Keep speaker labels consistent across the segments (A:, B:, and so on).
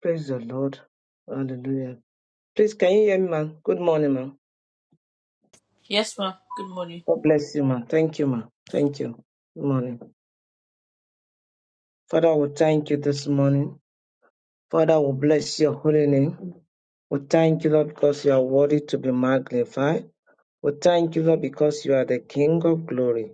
A: Praise the Lord. Hallelujah. Please, can you hear me, ma'am? Good morning, ma'am.
B: Yes, ma. Good morning.
A: God bless you, ma'am. Thank you, ma'am. Thank you. Good morning. Father, we thank you this morning. Father, we bless your holy name. We thank you, Lord, because you are worthy to be magnified. We thank you, Lord, because you are the King of glory.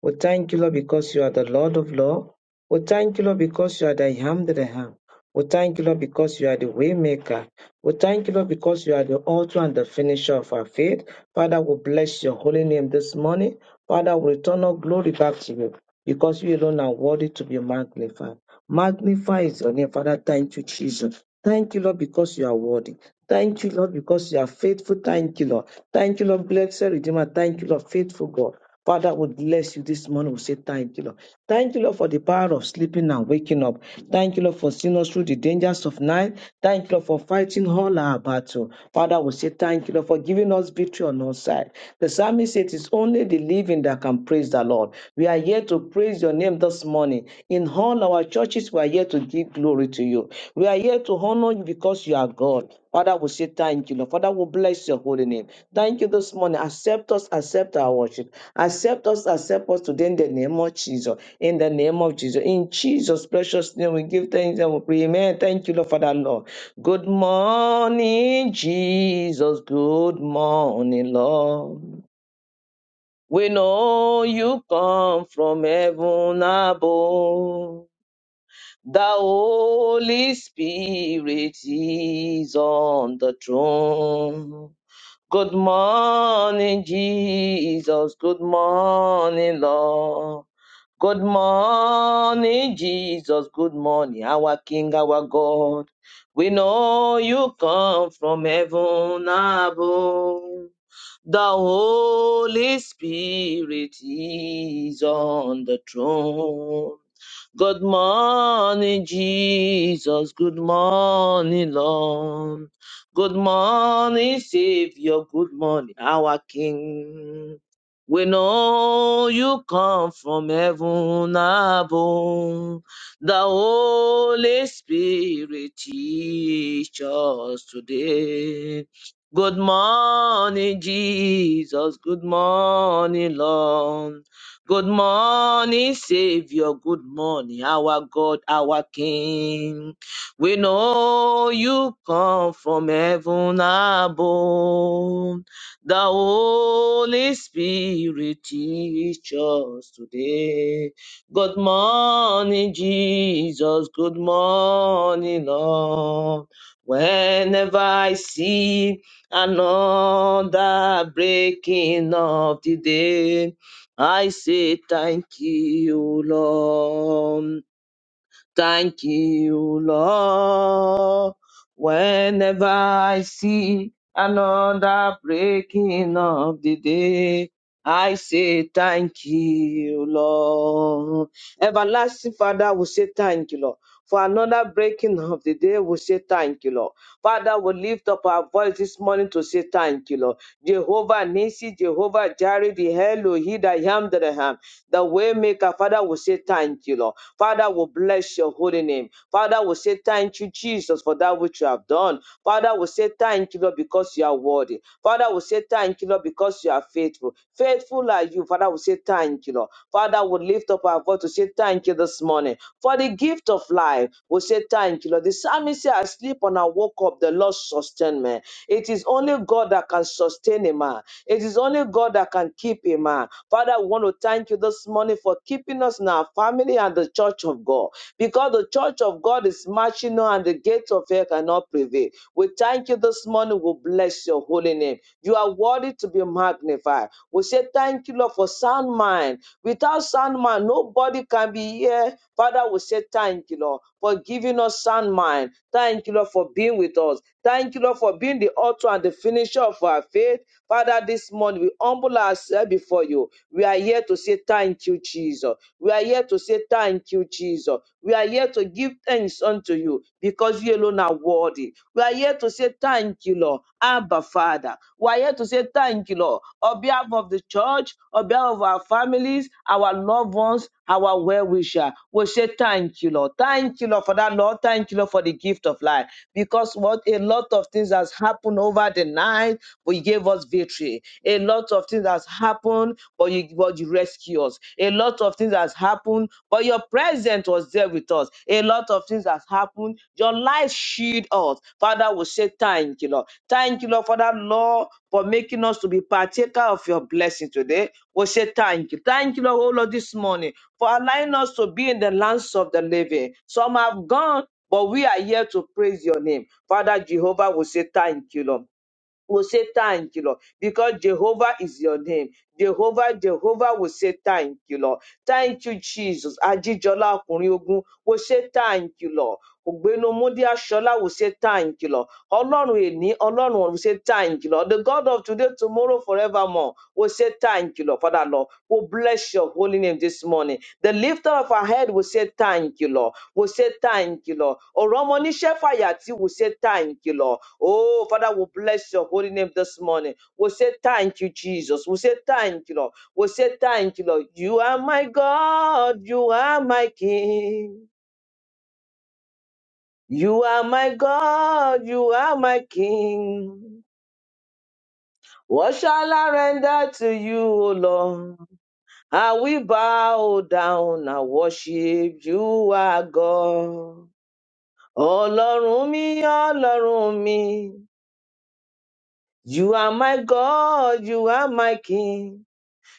A: We thank you, Lord, because you are the Lord of law. We thank you, Lord, because you are the I am that I am. We thank you, Lord, because you are the way maker. We thank you, Lord, because you are the author and the finisher of our faith. Father, we bless your holy name this morning. Father, we return all glory back to you because you alone are worthy to be magnified. Magnify your name, Father. Thank you, Jesus. Thank you, Lord, because you are worthy. Thank you, Lord, because you are faithful. Thank you, Lord. Thank you, Lord, blessed Redeemer. Thank you, Lord, faithful God. Father, we bless you this morning. We say thank you, Lord. Thank you, Lord, for the power of sleeping and waking up. Thank you, Lord, for seeing us through the dangers of night. Thank you, Lord, for fighting all our battle. Father, we say thank you, Lord, for giving us victory on our side. The psalmist said, It's only the living that can praise the Lord. We are here to praise your name this morning. In all our churches, we are here to give glory to you. We are here to honor you because you are God. Father, we say thank you, Lord. Father, we bless your holy name. Thank you this morning. Accept us, accept our worship. Accept us, accept us today in the name of Jesus. In the name of Jesus. In Jesus' precious name, we give thanks and we pray. Amen. Thank you, Lord, for that, Lord. Good morning, Jesus. Good morning, Lord. We know you come from heaven above. The Holy Spirit is on the throne. Good morning, Jesus. Good morning, Lord. Good morning, Jesus. Good morning, our King, our God. We know you come from heaven above. The Holy Spirit is on the throne. Good morning, Jesus. Good morning, Lord. Good morning, Savior. Good morning, our King. We know you come from heaven above. The Holy Spirit teach us today. Good morning, Jesus. Good morning, Lord. Good morning, Savior. Good morning, our God, our King. We know you come from heaven above. The Holy Spirit teach us today. Good morning, Jesus. Good morning, Lord. Whenever I see another breaking of the day, I say thank you, Lord. Thank you, Lord. Whenever I see another breaking of the day, I say thank you, Lord. Everlasting Father, we say thank you, Lord. For another breaking of the day, we say thank you, Lord. Father, we lift up our voice this morning to say thank you, Lord. Jehovah Nisi, Jehovah Jireh, the Elohim, the I am that I am, the way maker, Father, we say thank you, Lord. Father, will bless your holy name. Father, will say thank you, Jesus, for that which you have done. Father, will say thank you, Lord, because you are worthy. Father, will say thank you, Lord, because you are faithful. Faithful are you. Father, will say thank you, Lord. Father, will lift up our voice to say thank you this morning for the gift of life. We say thank you, Lord. The psalmist said, I sleep and I woke up, the Lord sustained me. It is only God that can sustain a man. It is only God that can keep a man. Father, we want to thank you this morning for keeping us in our family and the church of God because the church of God is marching on and the gates of hell cannot prevail. We thank you this morning. We bless your holy name. You are worthy to be magnified. We say thank you, Lord, for sound mind. Without sound mind, nobody can be here. Father, we say thank you, Lord, for giving us sound mind. Thank you, Lord, for being with us. Thank you, Lord, for being the author and the finisher of our faith. Father, this morning we humble ourselves before you. We are here to say thank you, Jesus. We are here to say thank you, Jesus. We are here to give thanks unto you because you alone are worthy. We are here to say thank you, Lord, Abba Father. We are here to say thank you, Lord, on behalf of the church, on behalf of our families, our loved ones, our well wisher. We say thank you, Lord. Thank you, Lord, for that, Lord. Thank you, Lord, for the gift of life. Because what a lot of things has happened over the night, but you gave us victory. A lot of things has happened, but you but you rescue us. A lot of things has happened, but your presence was there with us. A lot of things has happened. Your light shield us. Father, we say thank you, Lord. Thank you, Lord, for that, Lord, for making us to be partaker of your blessing today. We say thank you. Thank you, Lord, oh Lord, this morning for allowing us to be in the lands of the living. Some have gone, but we are here to praise your name. Father Jehovah will say, Thank you, Lord will say thank you, Lord, because Jehovah is your name. Jehovah, Jehovah will say thank you, Lord. Thank you, Jesus. Ajijola Ọkùnrin Ogun will say thank you, Lord. Ogbenumudi Ashola will say thank you, Lord. Ọlọ́run èní, Ọlọ́run ọ̀run will say thank you, Lord. The God of today, tomorrow, forevermore will say thank you, Lord. Father, Lord, we bless your holy name this morning. The lifter of our head will say thank you, Lord. Will say thank you, Lord. Ọ̀rọ̀ ọmọ oníṣẹ́ will say thank you, Lord. Oh, Father, we bless your holy name this morning. We say thank you, Jesus. We say thank you, Lord. We say thank you, Lord. You are my God. You are my King. You are my God. You are my King. What shall I render to you, O Lord? I will bow down and worship you, our God. Ọlọ́run mi, Ọlọ́run mi, you are my God, you are my King.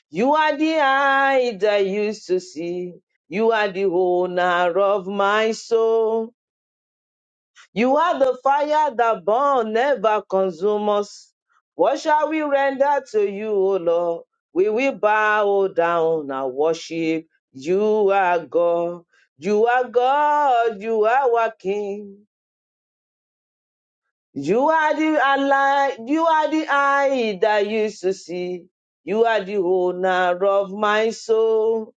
A: You are the eye that used to see. You are the owner of my soul. You are the fire that burn, never consume us. What shall we render to you, O Lord? We will bow down and worship. You are God. You are God. You are our King. You are the ally. You are the eye that used to see. You are the owner of my soul.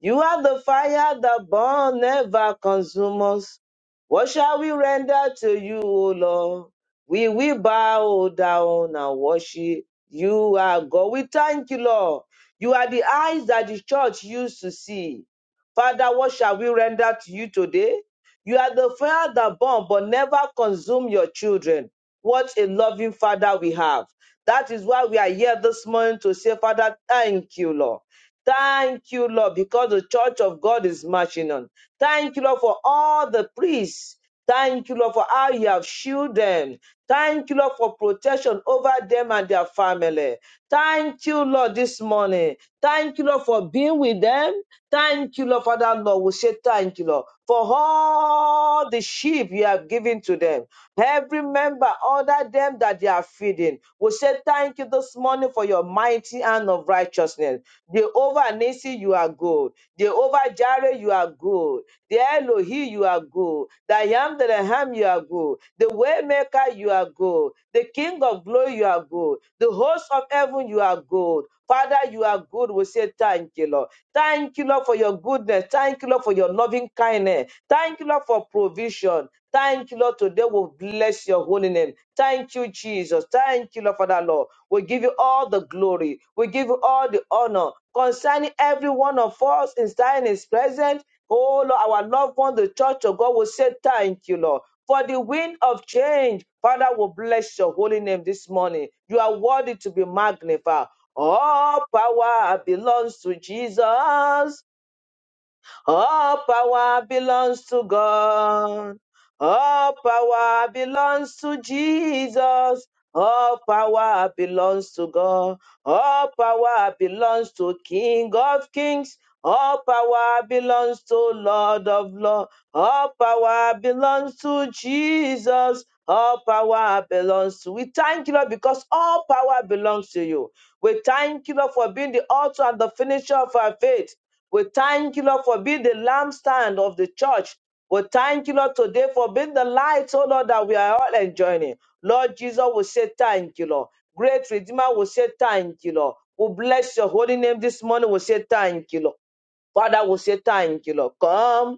A: You are the fire that burn never consume us. What shall we render to you, O Lord? We will bow down and worship. You are God. We thank you, Lord. You are the eyes that the church used to see. Father, what shall we render to you today? You are the fire that burn but never consume your children. What a loving Father we have. That is why we are here this morning to say, Father, thank you, Lord. Thank you, Lord, because the church of God is marching on. Thank you, Lord, for all the priests. Thank you, Lord, for how you have shielded them. Thank you, Lord, for protection over them and their family. Thank you, Lord, this morning. Thank you, Lord, for being with them. Thank you, Lord, for that, Lord. We say thank you, Lord, for all the sheep you have given to them. Every member, order them that they are feeding. We say thank you this morning for your mighty hand of righteousness. Jehovah Nisi, you are good. Jehovah Jireh, you are good. The Elohi, you are good. The I am that I am, you are good. The Waymaker, you are good. The King of glory, you are good. The host of heaven, you are good. Father, you are good. We say thank you, Lord. Thank you, Lord, for your goodness. Thank you, Lord, for your loving kindness. Thank you, Lord, for provision. Thank you, Lord. Today we bless your holy name. Thank you, Jesus. Thank you, Lord, for that, Lord. We give you all the glory. We give you all the honor concerning every one of us in standing is present. Oh Lord, our loved one, the church of God will say thank you, Lord. For the wind of change, Father will bless your holy name this morning. You are worthy to be magnified. All power belongs to Jesus. All power belongs to God. All power belongs to Jesus. All power belongs to God. All power belongs to King of Kings. All power belongs to Lord of Lords. All power belongs to Jesus. All power belongs to. We thank you, Lord, because all power belongs to you. We thank you, Lord, for being the author and the finisher of our faith. We thank you, Lord, for being the lampstand of the church. We thank you, Lord, today for being the light, oh Lord, that we are all enjoying. Lord Jesus we say thank you, Lord. Great Redeemer we say thank you, Lord. We bless your holy name this morning. We say thank you, Lord. Father we say thank you, Lord. Come,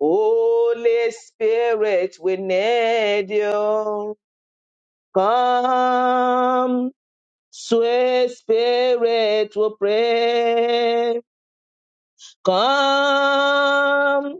A: Holy Spirit, we need you. Come, sweet Spirit, we pray. Come.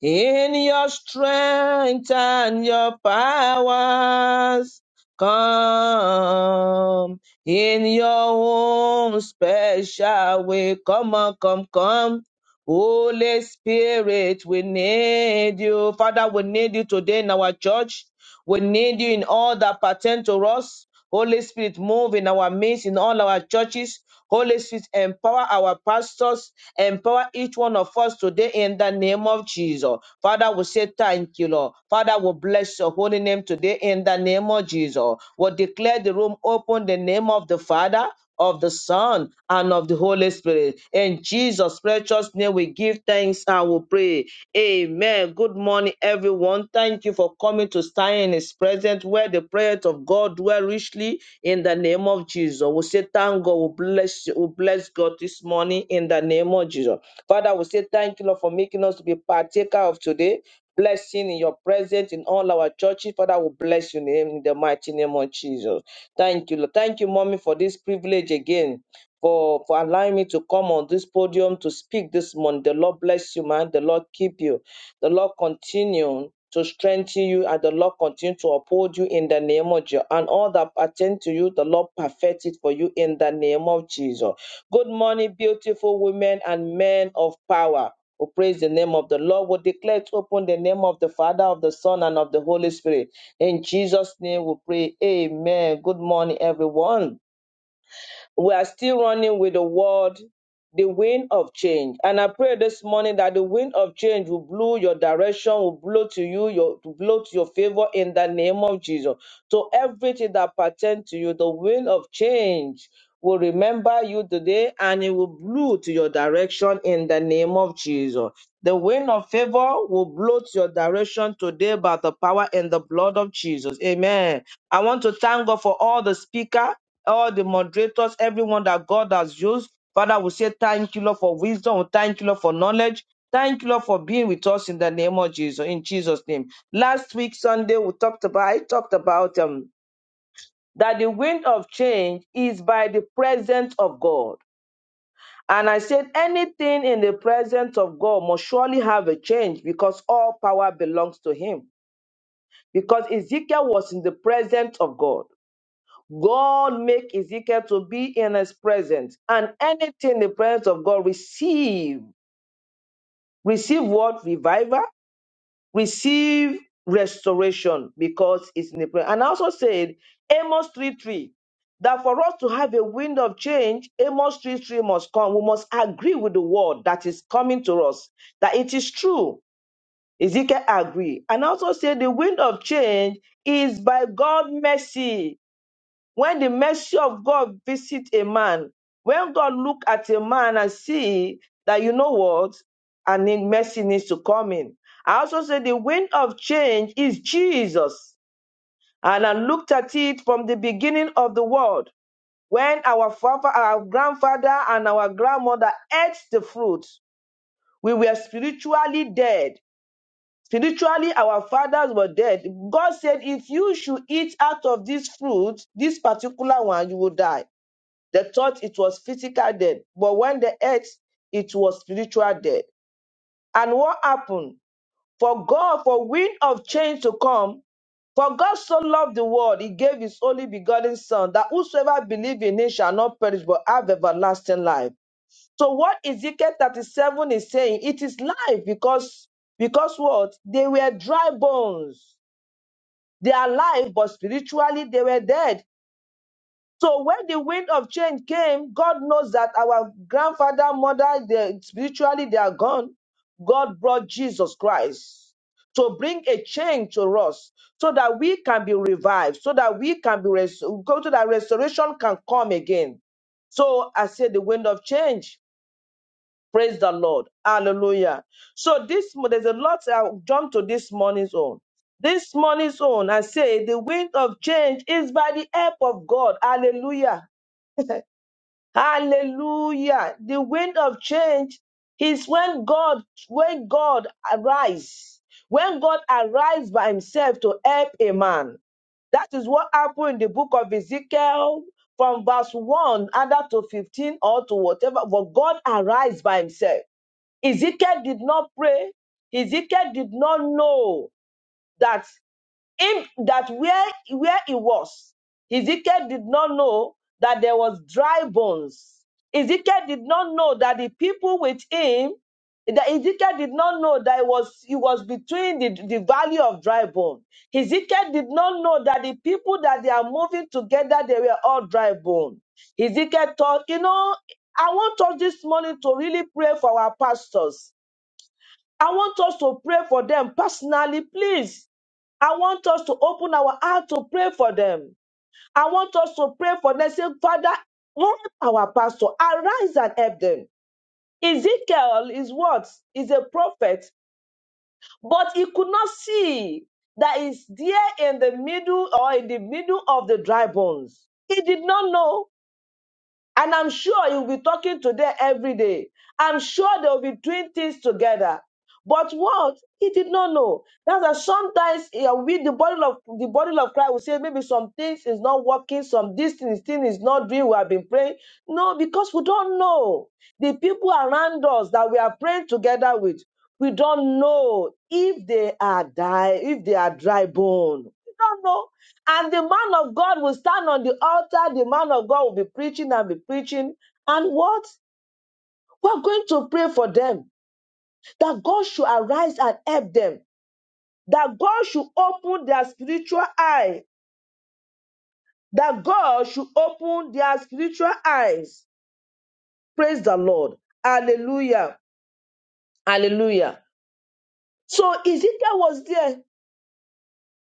A: In your strength and your powers come. In your own special way. Come on, come, come. Holy Spirit, we need you. Father, we need you today in our church. We need you in all that pertain to us. Holy Spirit, move in our midst, in all our churches. Holy Spirit, empower our pastors Empower each one of us today in the name of Jesus. Father, we say thank you, Lord. Father, we bless your holy name today in the name of Jesus. We declare the room open in the name of the Father, of the Son, and of the Holy Spirit. In Jesus' precious name, we give thanks and we pray. Amen. Good morning, everyone. Thank you for coming to stand in His presence where the prayers of God dwell richly in the name of Jesus. We say thank God. We bless you. We bless God this morning in the name of Jesus. Father, we say thank you, Lord, for making us to be partaker of today. Blessing in your presence in all our churches. Father, we bless your name in the mighty name of Jesus. Thank you, Lord. Thank you, mommy, for this privilege again. For, for allowing me to come on this podium to speak this morning. The Lord bless you, man. The Lord keep you. The Lord continue to strengthen you and the Lord continue to uphold you in the name of Jesus. And all that pertain to you, the Lord perfect it for you in the name of Jesus. Good morning, beautiful women and men of power. We praise the name of the Lord. We declare to open the name of the Father, of the Son, and of the Holy Spirit. In Jesus' name we pray. Amen. Good morning, everyone we are still running with the word the wind of change and i pray this morning that the wind of change will blow your direction will blow to you your to blow to your favor in the name of jesus so everything that pertains to you the wind of change will remember you today and it will blow to your direction in the name of jesus the wind of favor will blow to your direction today by the power and the blood of jesus amen i want to thank god for all the speaker all the moderators, everyone that God has used. Father, we say thank you, Lord, for wisdom. We Thank you, Lord, for knowledge. Thank you, Lord, for being with us in the name of Jesus, in Jesus' name. Last week, Sunday, we talked about, I talked about um, that the wind of change is by the presence of God. And I said, anything in the presence of God must surely have a change because all power belongs to Him. Because Ezekiel was in the presence of God. God make Ezekiel to be in his presence. And anything in the presence of God, receive. Receive what? Revival. Receive restoration because it's in the presence. And I also said, Amos 3 3, that for us to have a wind of change, Amos 3 3 must come. We must agree with the word that is coming to us, that it is true. Ezekiel agree. And I also said, the wind of change is by God's mercy when the mercy of God visit a man, when God look at a man and see that you know what, and then mercy needs to come in. I also said the wind of change is Jesus. And I looked at it from the beginning of the world when our father, our grandfather, and our grandmother ate the fruit. We were spiritually dead. Spiritually, our fathers were dead. God said, if you should eat out of this fruit, this particular one, you will die. The thought it was physical death, but when the earth, it was spiritual death. And what happened? For God, for wind of change to come, for God so loved the world, he gave his only begotten Son, that whosoever believes in him shall not perish but have everlasting life. So what Ezekiel 37 is saying, it is life because because what? They were dry bones. They are alive, but spiritually they were dead. So when the wind of change came, God knows that our grandfather, mother, they, spiritually they are gone. God brought Jesus Christ to bring a change to us so that we can be revived, so that we can be res- go to that restoration can come again. So I said the wind of change. Praise the Lord. Hallelujah. So this mo- there's a lot I'll jump to this morning's own. This morning's own, I say the wind of change is by the help of God. Hallelujah. Hallelujah. The wind of change is when God, when God arise, when God arise by himself to help a man. That is what happened in the book of Ezekiel from verse 1 either to 15 or to whatever. But God arise by himself. Ezekiel did not pray. Ezekiel did not know that him that where where he was, Ezekiel did not know that there was dry bones. Ezekiel did not know that the people with him, that Ezekiel did not know that it was it was between the, the valley of dry bone. Ezekiel did not know that the people that they are moving together, they were all dry bone. Ezekiel thought, you know, I want us this morning to really pray for our pastors. I want us to pray for them personally, please. I want us to open our heart to pray for them. I want us to pray for them. Say, Father, help our pastor. Arise and help them. Ezekiel is what? Is a prophet, but he could not see that is there in the middle or in the middle of the dry bones. He did not know. And I'm sure he'll be talking to them every day. I'm sure they'll be doing things together. But what he did not know. That's why sometimes uh, we the body of the body of Christ will say maybe some things is not working, some this thing, this thing is not doing. We have been praying. No, because we don't know the people around us that we are praying together with. We don't know if they are die, if they are dry bone. We don't know. And the man of God will stand on the altar. The man of God will be preaching and be preaching. And what? We're going to pray for them that God should arise and help them, that God should open their spiritual eye, that God should open their spiritual eyes. Praise the Lord. Hallelujah. Hallelujah. So Ezekiel was there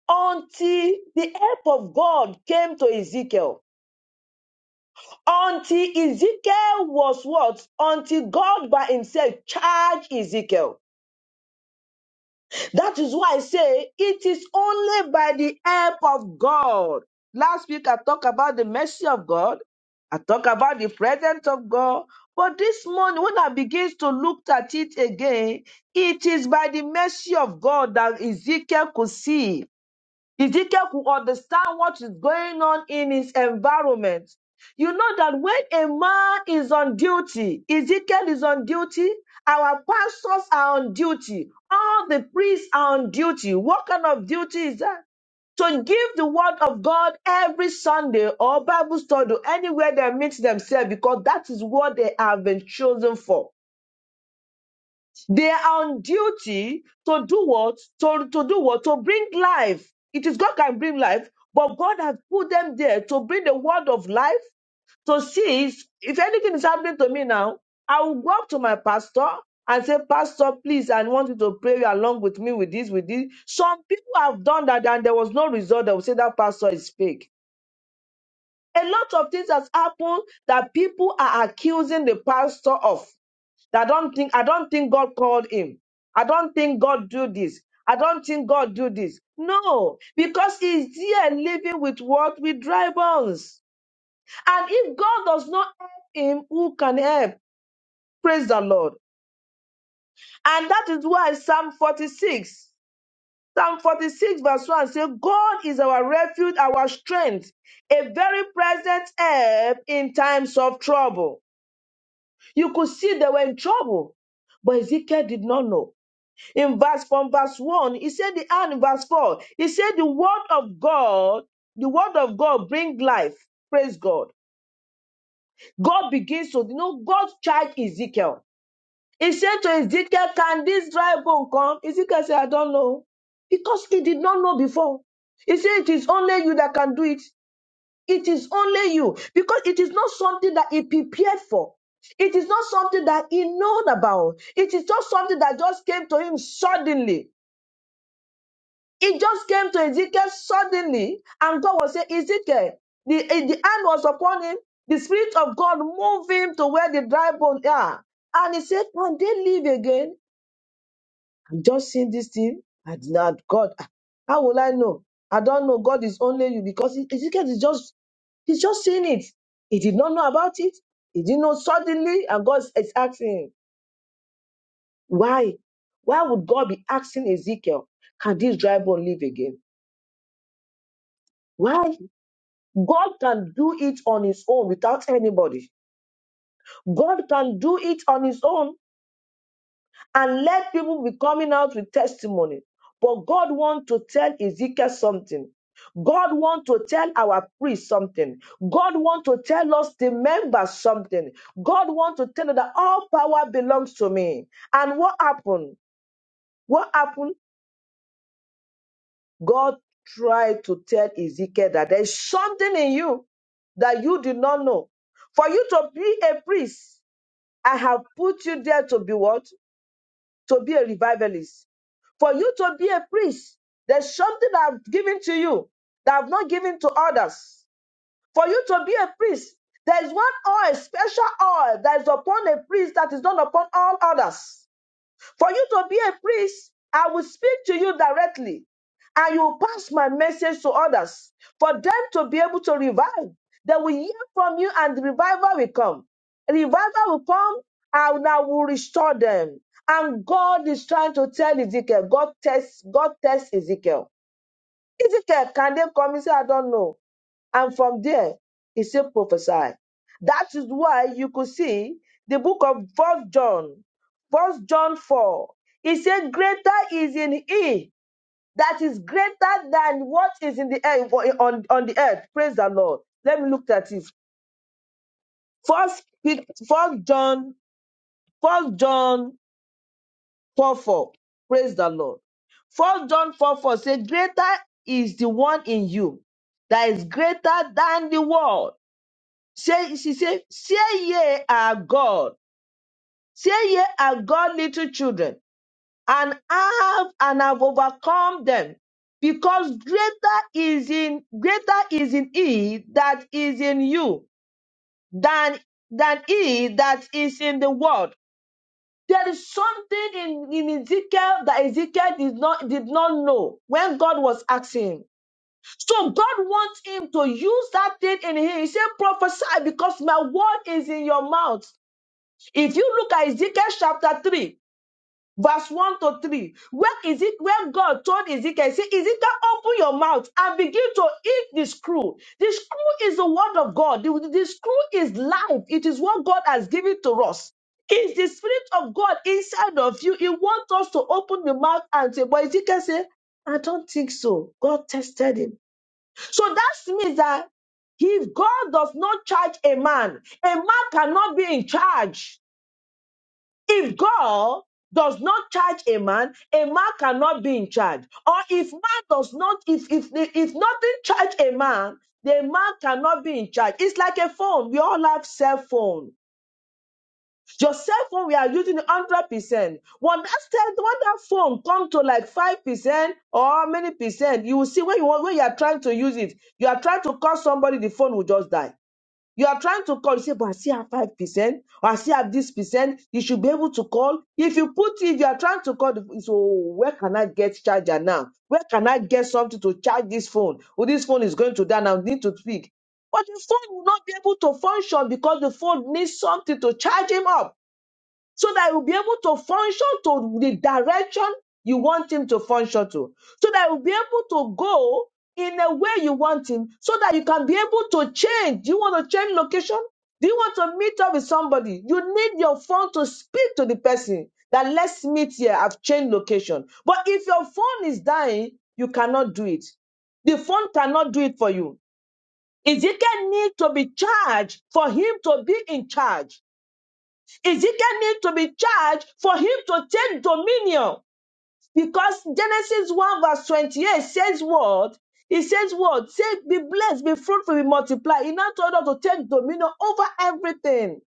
A: until the help of God came to Ezekiel. Until Ezekiel was what? Until God by himself charged Ezekiel. That is why I say it is only by the help of God. Last week I talked about the mercy of God. I talked about the presence of God. But this morning, when I begins to look at it again, it is by the mercy of God that Ezekiel could see Ezekiel could understand what is going on in his environment. You know that when a man is on duty, Ezekiel is on duty, our pastors are on duty, all the priests are on duty. What kind of duty is that? to give the word of God every Sunday or Bible study anywhere they meet themselves because that is what they have been chosen for. They are on duty to do what? To, to do what? To bring life. It is God can bring life, but God has put them there to bring the word of life to see if if anything is happening to me now. I will go up to my pastor and say, Pastor, please, I want you to pray along with me with this, with this. Some people have done that and there was no result. They will say that pastor is fake. A lot of things has happened that people are accusing the pastor of. I don't think I don't think God called him. I don't think God do this. I don't think God do this. No, because he's here living with what? With dry bones. And if God does not help him, who can help? Praise the Lord. And that is why Psalm 46, Psalm 46, verse 1 says, God is our refuge, our strength, a very present help in times of trouble. You could see they were in trouble, but Ezekiel did not know. in verse from verse 1 he said the and in verse 4 he said the word of god the word of god bring life praise god god begins to you know god charged ezekiel he said to ezekiel can this dry bone come ezekiel said i don't know because he did not know before he said it is only you that can do it it is only you because it is not something that he prepared for it is not something that he known about it is not something that just came to him suddenly It just came to Ezekiel suddenly, and God was saying, Ezekiel, the, eh, the hand was upon him. The Spirit of God moved him to where the dry bones are. And he said, Can they live again? I'm just seeing this thing. I did not, God, ah, how will I know? I don't know. God is only you because E-, Ezekiel is just, he's just seeing it. He did not know about it. He didn't know suddenly, and God is asking him, Why? Why would God be asking Ezekiel, Can this dry bone live again? Why? God can do it on his own without anybody. God can do it on his own and let people be coming out with testimony. But God wants to tell Ezekiel something. God wants to tell our priest something. God wants to tell us the members something. God wants to tell us that all power belongs to me. And what happened? What happened? God tried to tell Ezekiel that there's something in you that you did not know. For you to be a priest, I have put you there to be what? To be a revivalist. For you to be a priest, there's something I've given to you that I've not given to others. For you to be a priest, there is one oil, special oil that is upon a priest that is not upon all others. For you to be a priest, I will speak to you directly and you will pass my message to others. For them to be able to revive, they will hear from you and revival will come. Revival will come and I will restore them. And God is trying to tell Ezekiel, God tests, God tests Ezekiel. Ezekiel, can they come? He said, I don't know. And from there, he said, prophesy. That is why you could see the book of First John, First John 4. He said, Greater is in he that is greater than what is in the air for- on, on the earth. Praise the Lord. Let me look at it. First, Pe- First John, First John 4 4. Praise the Lord. First John 4 4 says, Greater is the one in you that is greater than the world Say, she said, Say ye are God, say ye are God, little children, and have and have overcome them, because greater is in greater is in he that is in you than than he that is in the world. There is something in, in Ezekiel that Ezekiel did not did not know when God was asking him. So God wants him to use that thing in him. He said, prophesy because my word is in your mouth. If you look at Ezekiel chapter 3, verse 1 to 3, where is it where God told Ezekiel, say, Ezekiel, open your mouth and begin to eat the screw. The screw is the word of God. The, the screw is life. It is what God has given to us. It's the spirit of God inside of you. He wants us to open the mouth and say, but Ezekiel said, I don't think so. God tested him. So that means that if God does not charge a man, a man cannot be in charge. If God does not charge a man, a man cannot be in charge. Or if man does not, if if if nothing charge a man, the man cannot be in charge. It's like a phone. We all have cell phone. Your cell phone, we are using hundred percent. When that cell, when that phone come to like five percent or how many percent, you will see when you want- when you are trying to use it, you are trying to call somebody, the phone will just die. You are trying to call, you say, but I still have 5%, or I still have this percent. You should be able to call. If you put if you are trying to call, the, so where can I get charger now? Where can I get something to charge this phone? Oh, this phone is going to die now, I need to speak. But the phone will not be able to function because the phone needs something to charge him up so that he will be able to function to the direction you want him to function to, so that he will be able to go in a way you want him, so that you can be able to change. Do you want to change location? Do you want to meet up with somebody? You need your phone to speak to the person that let's meet here. I've changed location. But if your phone is dying, you cannot do it. The phone cannot do it for you. Ezekiel needs to be charged for him to be in charge. Ezekiel needs to be charged for him to take dominion because Genesis 1 verse 28 says what? It says what? Say, be blessed, be fruitful, be multiply. He now told us to take dominion over everything.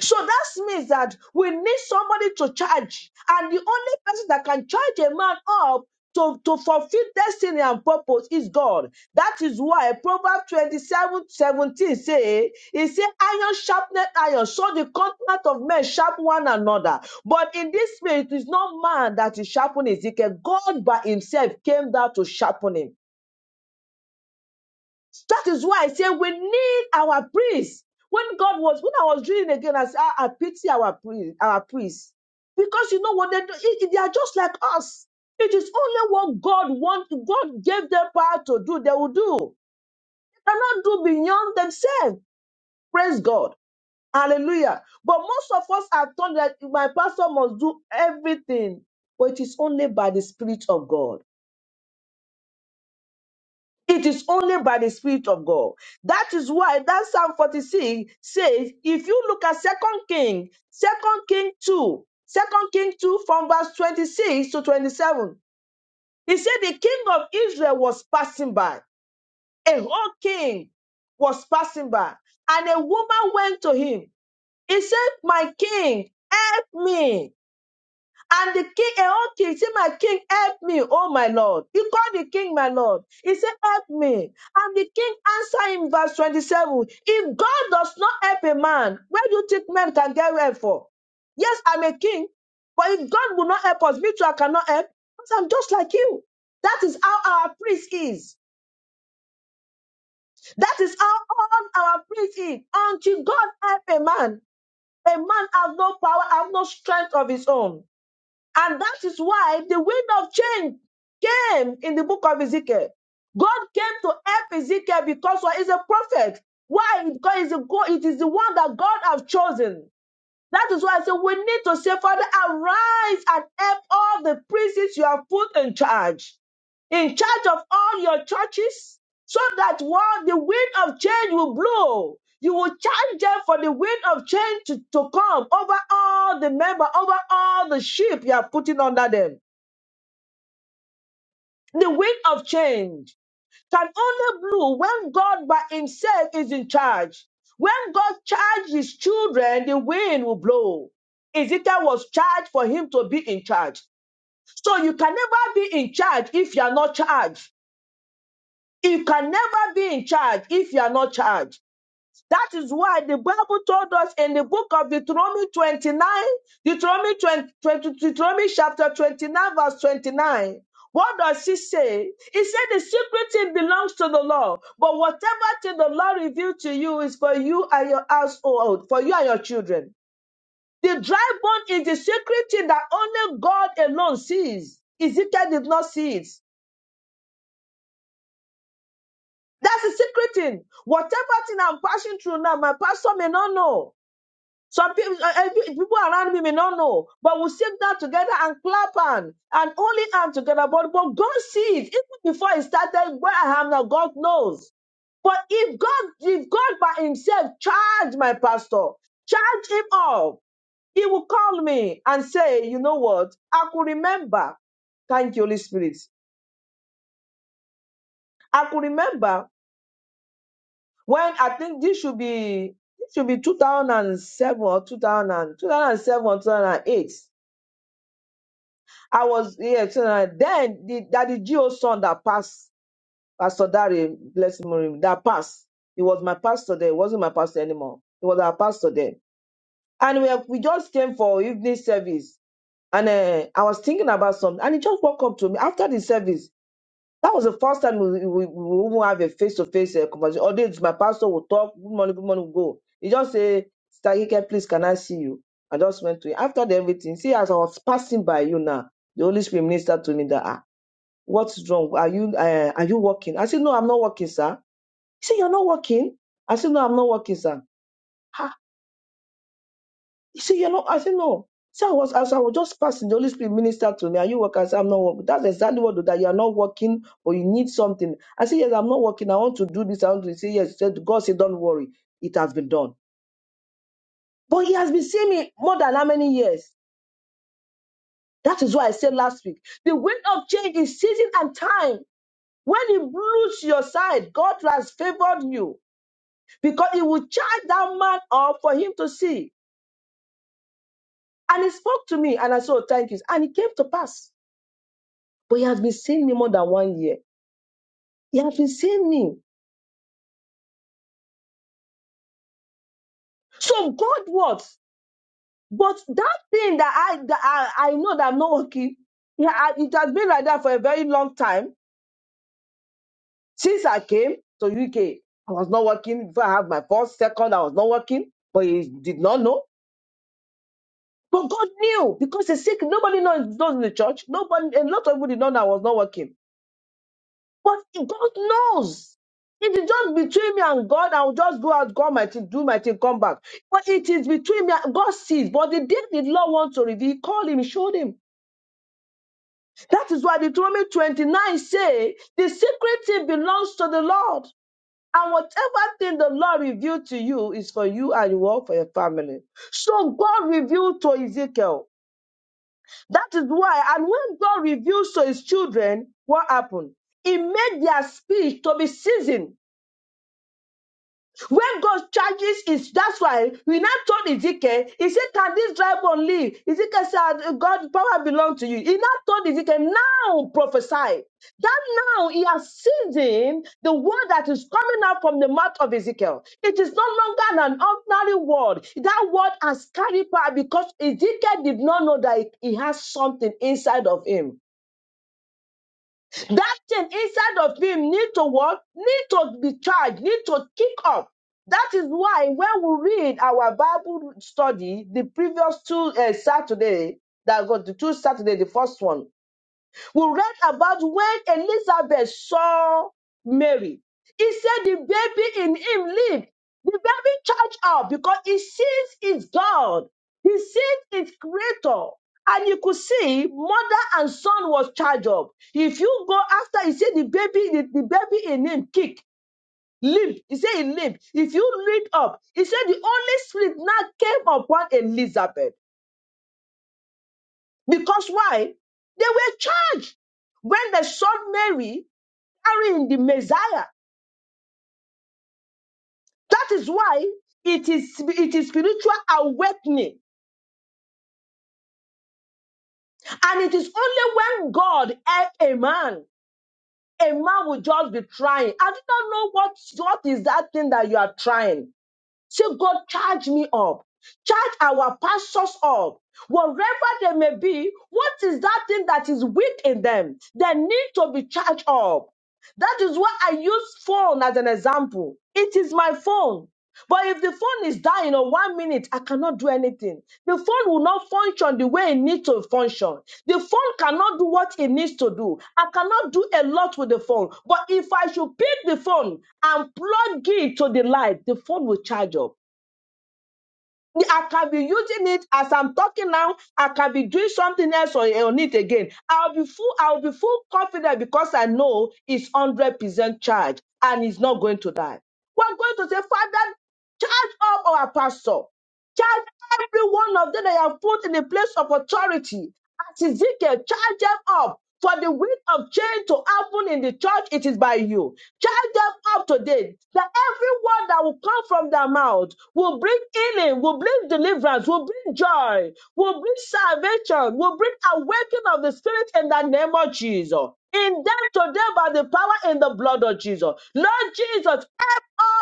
A: So that means that we need somebody to charge. And the only person that can charge a man up to, to fulfill destiny and purpose is God. That is why Proverbs 27 17 say, it say, iron sharpened iron. So the continent of men sharpen one another. But in this spirit, it is not man that is sharpening Ezekiel. God by himself came down to sharpen him. That is why I say we need our priests. When God was, when I was reading again, I said, I, I pity our priest, our priests. Because you know what they do? It- it- they are just like us. It is only what God want, God gave them power to do, they will do. They cannot do beyond themselves. Praise God. Hallelujah. But most of us are taught that my pastor must do everything. But it is only by the Spirit of God. It is only by the Spirit of God. That is why that Psalm 46 says, if you look at Second King, Second King 2, Second King 2 from verse 26 to 27, he said the king of Israel was passing by. A whole king was passing by. And a woman went to him. He said, My king, help me. And the king, eh, oh king, say, My king, help me, oh my Lord. He called the king, my Lord. He said, Help me. And the king answered him, verse 27. If God does not help a man, where do you think men can get help for? Yes, I'm a king, but if God will not help us, me too, I cannot help. Because I'm just like you. That is how our priest is. That is how all our priest is. Until God help a man, a man has no power, has no strength of his own. And that is why the wind of change came in the book of Ezekiel. God came to help Ezekiel because he's a prophet. Why? Because he's a go- it is the one that God has chosen. That is why I say we need to say, Father, arise and help all the priests you have put in charge, in charge of all your churches, so that while the wind of change will blow, you will charge them for the wind of change to, to come over all the member, over all the sheep you are putting under them. The wind of change can only blow when God by himself is in charge. When God charges his children, the wind will blow. Ezekiel was charged for him to be in charge. So you can never be in charge if you are not charged. You can never be in charge if you are not charged. That is why the Bible told us in the book of Deuteronomy 29, Deuteronomy 20, twenty, Deuteronomy chapter 29, verse 29. What does he say? He said the secret thing belongs to the Lord, but whatever thing the Lord revealed to you is for you and your household, for you and your children. The dry bone is the secret thing that only God alone sees. Ezekiel did not see it. That's the secret thing. Whatever thing I'm passing through now, my pastor may not know. Some people, uh, uh, people around me may not know, but we sit down together and clap and and only hand together. But but God sees even before it started where I am now. God knows. But if God, if God by Himself charge my pastor, charge him up, He will call me and say, you know what? I could remember. Thank you, Holy Spirit. I could remember when I think this should be this should be 2007 or 2000 2007 or 2008 I was yes. Uh, then the that the Geo son that passed, Pastor Dari, bless him, remember, that passed. He was my pastor there. He wasn't my pastor anymore. He was our pastor there. And we we just came for evening service. And uh, I was thinking about something. And he just walked up to me after the service. That was the first time we we, we even have a face to face conversation. Although it's my pastor will talk, good morning, good morning, go. He just say, Stagike, please, can I see you? I just went to him. After the everything, see, as I was passing by you now, the Holy Spirit ministered to me that. ah. What's wrong? Are you uh, are you working? I said, No, I'm not working, sir. He said, You're not working? I said, No, I'm not working, sir. Ha. He said, You're not I said, No. So I was as I was just passing, the Holy Spirit ministered to me. Are you working? I said, I'm not working. That's exactly what that you are not working or you need something. I said, Yes, I'm not working. I want to do this. I want to say yes. He said, God said, Don't worry, it has been done. But he has been seeing me more than how many years? That is why I said last week. The wind of change is season and time. When it blows your side, God has favored you. because he would charge that man up for him to see. And he spoke to me, and I said, "Oh, Thank you. And it came to pass. But he has been seeing me more than one year. He has been seeing me. So God works. But that thing that I that I, I know that I'm not working, yeah, I- it has been like that for a very long time since I came to UK. I was not working. Before I had my first, second, I was not working, but he did not know. But God knew because the sick, nobody knows, knows in the church. Nobody, a lot of people did not know I was not working. But God knows. It is just between me and God. I will just go out, God, my thing, do my thing, come back. But it is between me and God sees. But the day the Lord wants to reveal, he called him, he showed him. That is why Deuteronomy 29 say, the secret thing belongs to the Lord. And whatever thing the Lord revealed to you is for you and you all for your family. So God revealed to Ezekiel. That is why, and when God reveals to his children, what happened? He made their speech to be seasoned When God charges is that's why we now told Ezekiel, he said, Can this dry bone live? Ezekiel said, God power belongs to you. He now told Ezekiel, now prophesy. That now he has seen the word that is coming out from the mouth of Ezekiel. It is no longer an ordinary word. That word has carried power because Ezekiel did not know that he has something inside of him. That thing inside of him need to work, need to be charged, need to kick up. That is why when we read our Bible study, the previous two uh, Saturday, that got the two Saturday, the first one, we read about when Elizabeth saw Mary. He said the baby in him lived. The baby charged up because he sees his God. He sees his creator. And you could see mother and son was charged up. If you go after, he said the baby, the, the baby in him kicked, limped. He said he limped. If you read up, he said the Holy Spirit now came upon Elizabeth. Because why? They were charged. When they saw Mary, carrying the Messiah. That is why it is it is spiritual awakening, and it is only when God help a man, a man will just be trying. I do not know what what is that thing that you are trying. Say, God, charge me up, charge our pastors up. wherever they may be, what is that thing that is weak in them? They need to be charged up. That is why I use phone as an example. It is my phone. But if the phone is dying or one minute, I cannot do anything. The phone will not function the way it needs to function. The phone cannot do what it needs to do. I cannot do a lot with the phone. But if I should pick the phone and plug it to the light, the phone will charge up. I can be using it as I'm talking now. I can be doing something else on, on it again. I'll be full, I'll be full confident because I know it's 100% charged and it's not going to die. We're going to say, Father, charge up our pastor. Charge every one of them that you have put in a place of authority. As Ezekiel, charge them up. For the will of change to happen in the church, it is by you. Charge them up today. That every word that will come from their mouth will bring healing, will bring deliverance, will bring joy, will bring salvation, will bring awakening of the spirit in the name of Jesus. In them today by the power in the blood of Jesus. Lord Jesus,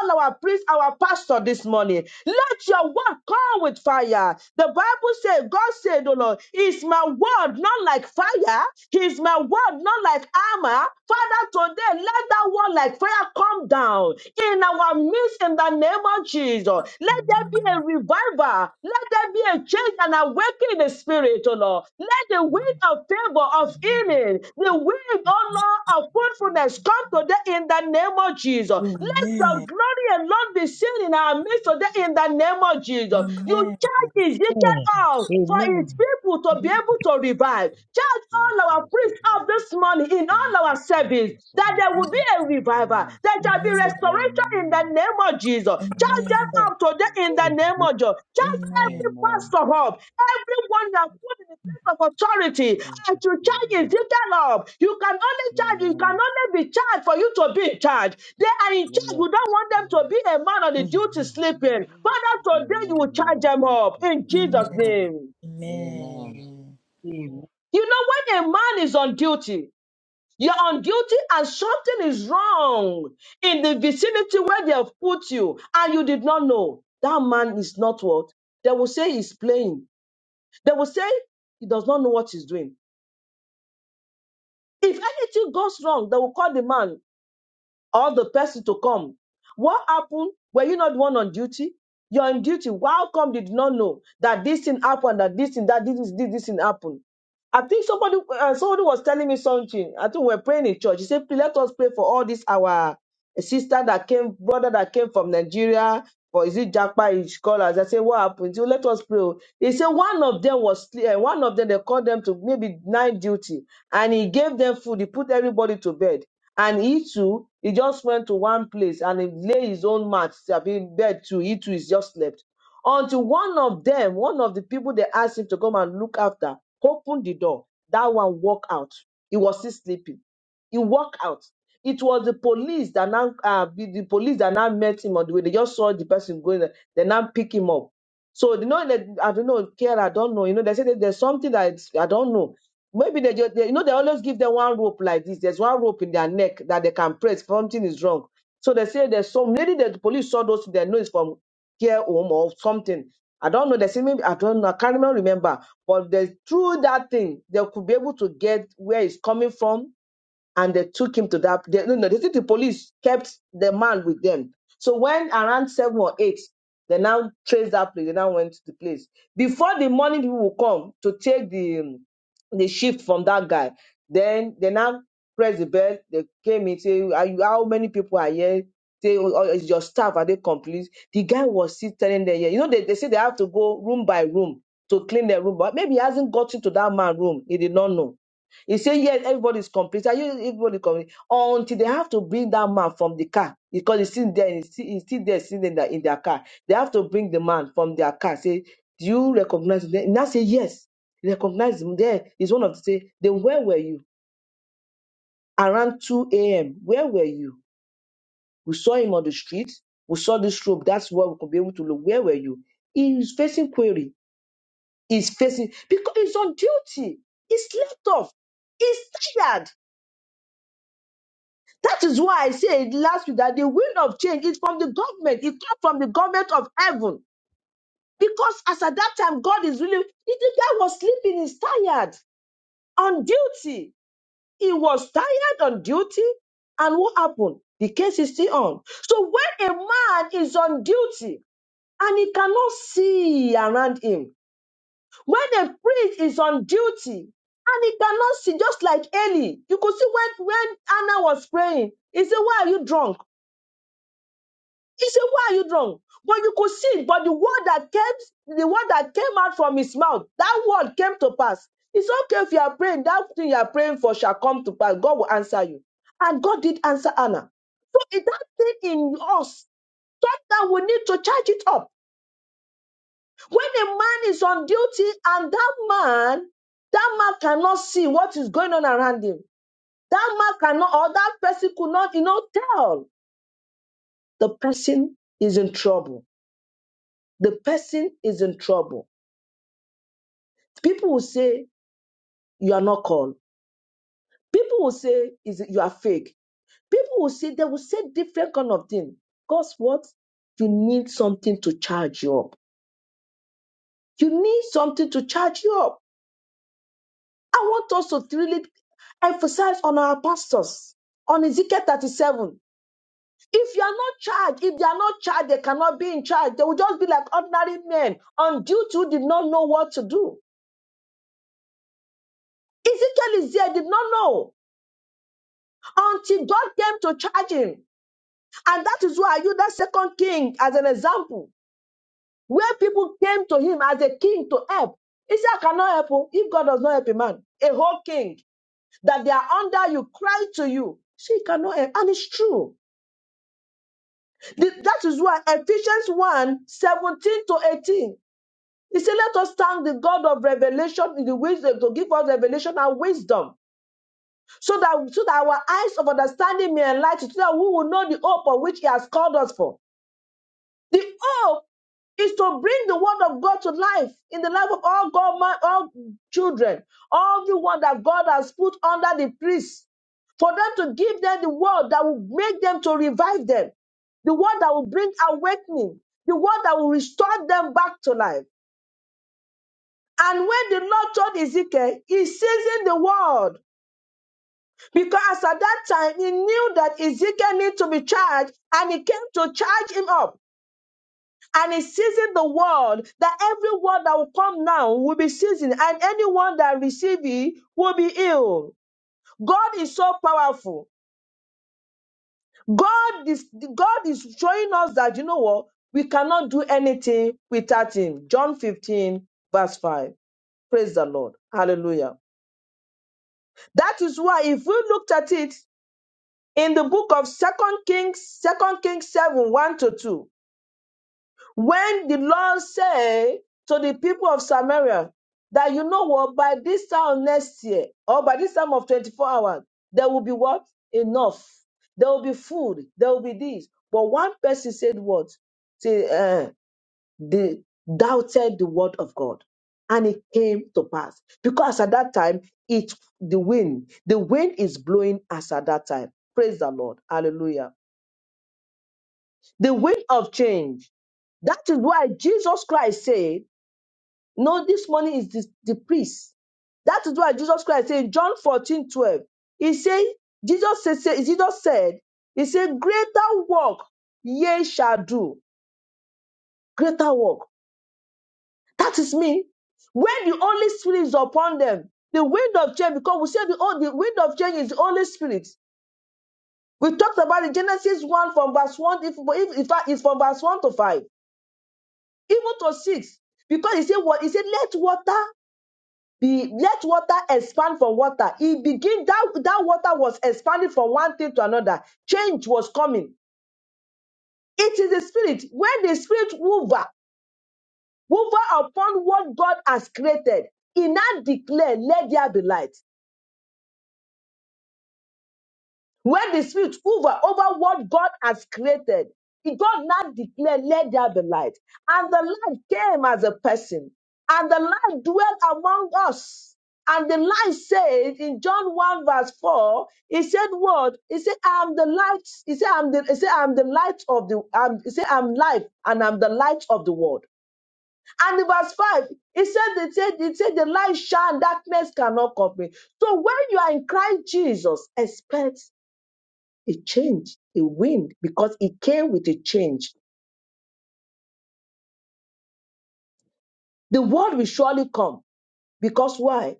A: all our priests, our pastor this morning. Let your word come with fire. The Bible says, God said, oh Lord, is my word not like fire? Is my word not like armor? Father, today let that word like fire come down in our midst in the name of Jesus. Let there be
B: Amen.
A: a revival. Let there be a change and awakening in the spirit, oh oh Lord. Let the wind of favor, of healing, the wind, oh Lord, of fruitfulness come today in the name of Jesus. Let your
B: Amen.
A: glory alone be seen in our midst today in the name of Jesus. You
B: Amen.
A: charge Ezekiel
C: Amen.
A: out for his
C: Amen.
A: people to be able to revive. Charge
D: Jesus,
A: all
D: Father,
A: our priests out this morning in
D: thank
A: all
D: you,
A: our
D: thank
A: service
D: you, so
A: that there will be
D: much.
A: a revival,
D: Amen.
A: that shall be
B: Amen.
A: restoration in the
D: Amen.
A: name of Jesus.
D: Thank
A: Charge
D: you,
B: Amen.
A: them
D: Jesus.
C: Amen.
A: up today in the
C: Glory be to
A: name
C: God.
A: of Jesus. Charge
B: Amen.
A: every
D: Amen.
A: pastor up, everyone that put in the place of authority,
D: Thank
A: and
D: you,
A: to charge
D: Jesus.
A: is little up. You can only charge, you can
D: Amen.
A: only be charged for you to be in charge. They are in charge.
D: Yes.
A: We don't want them to be a man on
C: Amen.
A: the
C: In
A: duty
C: the
A: sleeping.
C: name of
A: Father,
C: Jesus.
A: today you
D: Amen.
A: will charge
D: Lord.
A: them
D: Thank you,
A: up
D: Jesus.
A: in Jesus'
B: Amen.
D: Amen.
A: name.
D: Amen.
B: Amen.
C: Amen.
A: You know, when a man is on duty, you're on duty and something is wrong in the vicinity where they have put you and you did not know. That man is not what? They will say he's playing. They will say he does not know what he's doing. If anything goes wrong, they will call the man or the person to come. What happened? Were you not the one on duty? You're on duty. How come they did not know that this thing happened, that this thing, that this, this, this thing happened? I think somebody uh, somebody was telling me something. I think we are praying in church. He said, "Please let us pray for all this our sister that came, brother that came from Nigeria, or is it Japan? His scholars." I said, "What happened?" He said, "Let us pray." He said, "One of them was uh, one of them. They called them to maybe night duty, and he gave them food. He put everybody to bed. And he too, he just went to one place and he lay his own mat, I mean, bed too. He too is just slept. Until one of them, one of the people they asked him to come and look after, opened the door. That one walked out. He was still sleeping. He walked out. It was the police that now, uh, the the police that now met him on the way. They just saw the person going. there. They now pick him up. So you know, that I don't know, care, I don't know. You know, they said that there's something that I don't know. Maybe they just, they, you know, they always give them one rope like this. There's one rope in their neck that they can press. if Something is wrong. So they say there's some lady that the police saw those, they know it's from care home or something. I don't know. They say maybe, I don't know. I can't even remember. But they, through that thing, they could be able to get where it's coming from and they took him to that. They, no, no, they said the police kept the man with them. So when around seven or eight, they now traced that place. They now went to the place before the morning people will come to take the um, the shift from that guy. Then they now press the bell. They came in say, "Are you? How many people are here?" Say, "Oh, oh, "Is your staff? Are they complete?" The guy was still telling them, "Yeah, you know they, they say they have to go room by room." To clean their room, but maybe he hasn't gotten to that man room. He did not know. He said, Yes, everybody is complete. Are you everybody complete? Until they have to bring that man from the car because he's still there, he's still, he's still there sitting in, the, in their car. They have to bring the man from their car. Say, Do you recognize him? Then Now say, Yes, recognize him. There is one of the say, Then where were you? Around 2 a.m. Where were you? We saw him on the street. We saw this rope. That's where we could be able to look. Where were you? He's facing query. He's facing because he's on duty. He's slept off. He's tired. That is why I said last week that the wind of change is from the government. It came from the government of heaven. Because as at that time, God is really, the the guy was sleeping, he's tired on duty. He was tired on duty. And what happened? The case is still on. So when a man is on duty and he cannot see around him, when a priest is on duty and he cannot see, just like Eli, you could see when, when Anna was praying, he said, Why are you drunk? He said, Why are you drunk? But you could see it. But the word that came, the word that came out from his mouth, that word came to pass. It's okay if you are praying, that thing you are praying for shall come to pass. God will answer you. And God did answer Anna. So it- that thing in us, thought that we need to charge it up. When a man is on duty and that man, that man cannot see what is going on around him. That man cannot, or that person could not, you know, tell the person is in trouble the person is in trouble. People will say you are not called. People will say is you are fake. People will say they will say different kind of thing. Cause what? You need something to charge you up. You need something to charge you up. I want us to really emphasize on our pastors on Ezekiel 37. If you are not charged, if they are not charged, they cannot be in charge. They will just be like ordinary men on duty who did not know what to do. Ezekiel is there, did not know. until God came to charge him. And that is why I use that second king as an example, where people came to him as a king to help. He said, I cannot help you if God does not help a man, a whole king that they are under you, cry to you. She cannot help. And it's true. Th- That is why Ephesians one 17 to 18. He said, Let us thank the God of revelation in the wisdom to give us revelation and wisdom so that so that our eyes of understanding may enlighten, so that we will know the hope of which He has called us for. The hope is to bring the word of God to life in the life of all God, man, all children, all the one that God has put under the priest, for them to give them the word that will make them to revive them, the word that will bring awakening, the word that will restore them back to life. And when the Lord told Ezekiel, he seasoned the word because at that time he knew that Ezekiel needed to be charged and he came to charge him up. and is seizing the word that every word that will come now will be seizing and anyone that receives it will be healed. god is so powerful god is god is showing us that you know what we cannot do anything without him john 15 verse 5 praise the lord hallelujah that is why if we looked at it in the book of second kings second kings 7 1 to 2 When the Lord said to the people of Samaria that you know what, by this time next year, or by this time of 24 hours, there will be what? Enough. There will be food. There will be this. But one person said what? Say, uh, they doubted the word of God and it came to pass because at that time it the wind the wind is blowing as at that time praise the lord hallelujah the wind of change that is why jesus christ said No, this money is the, the priest. That is why Jesus Christ said in John 14 12. he said, Jesus said, said- Jesus said, he said, greater work ye shall do. Greater work. That is me. When the Holy Spirit is upon them, the wind of change, because we said the, oh, the wind of change is the Holy Spirit. We talked about the Genesis 1 from verse 1, if, if, if fact, it's from verse 1 to 5, even to 6. Because he said what? He said, let water be let water expand from water it begin that that water was expanding from one thing to another change was coming it is the spirit when the spirit mover mover upon what god has created he now declare let there be light When the spirit hover over what God has created, God now declared, Let there be light. And the light came as a person, and the light dwelt among us. And the light said in John 1, verse 4, he said, What? He said, I am the light. He said, I'm the, he said, I'm the light of the I'm, he said, I'm life and I'm the light of the world. And in verse 5, he said, he said, he said, the light shine, darkness cannot comprehend. So when you are in Christ Jesus, expect a change, a wind, because it came with a change. The word will surely come. Because why?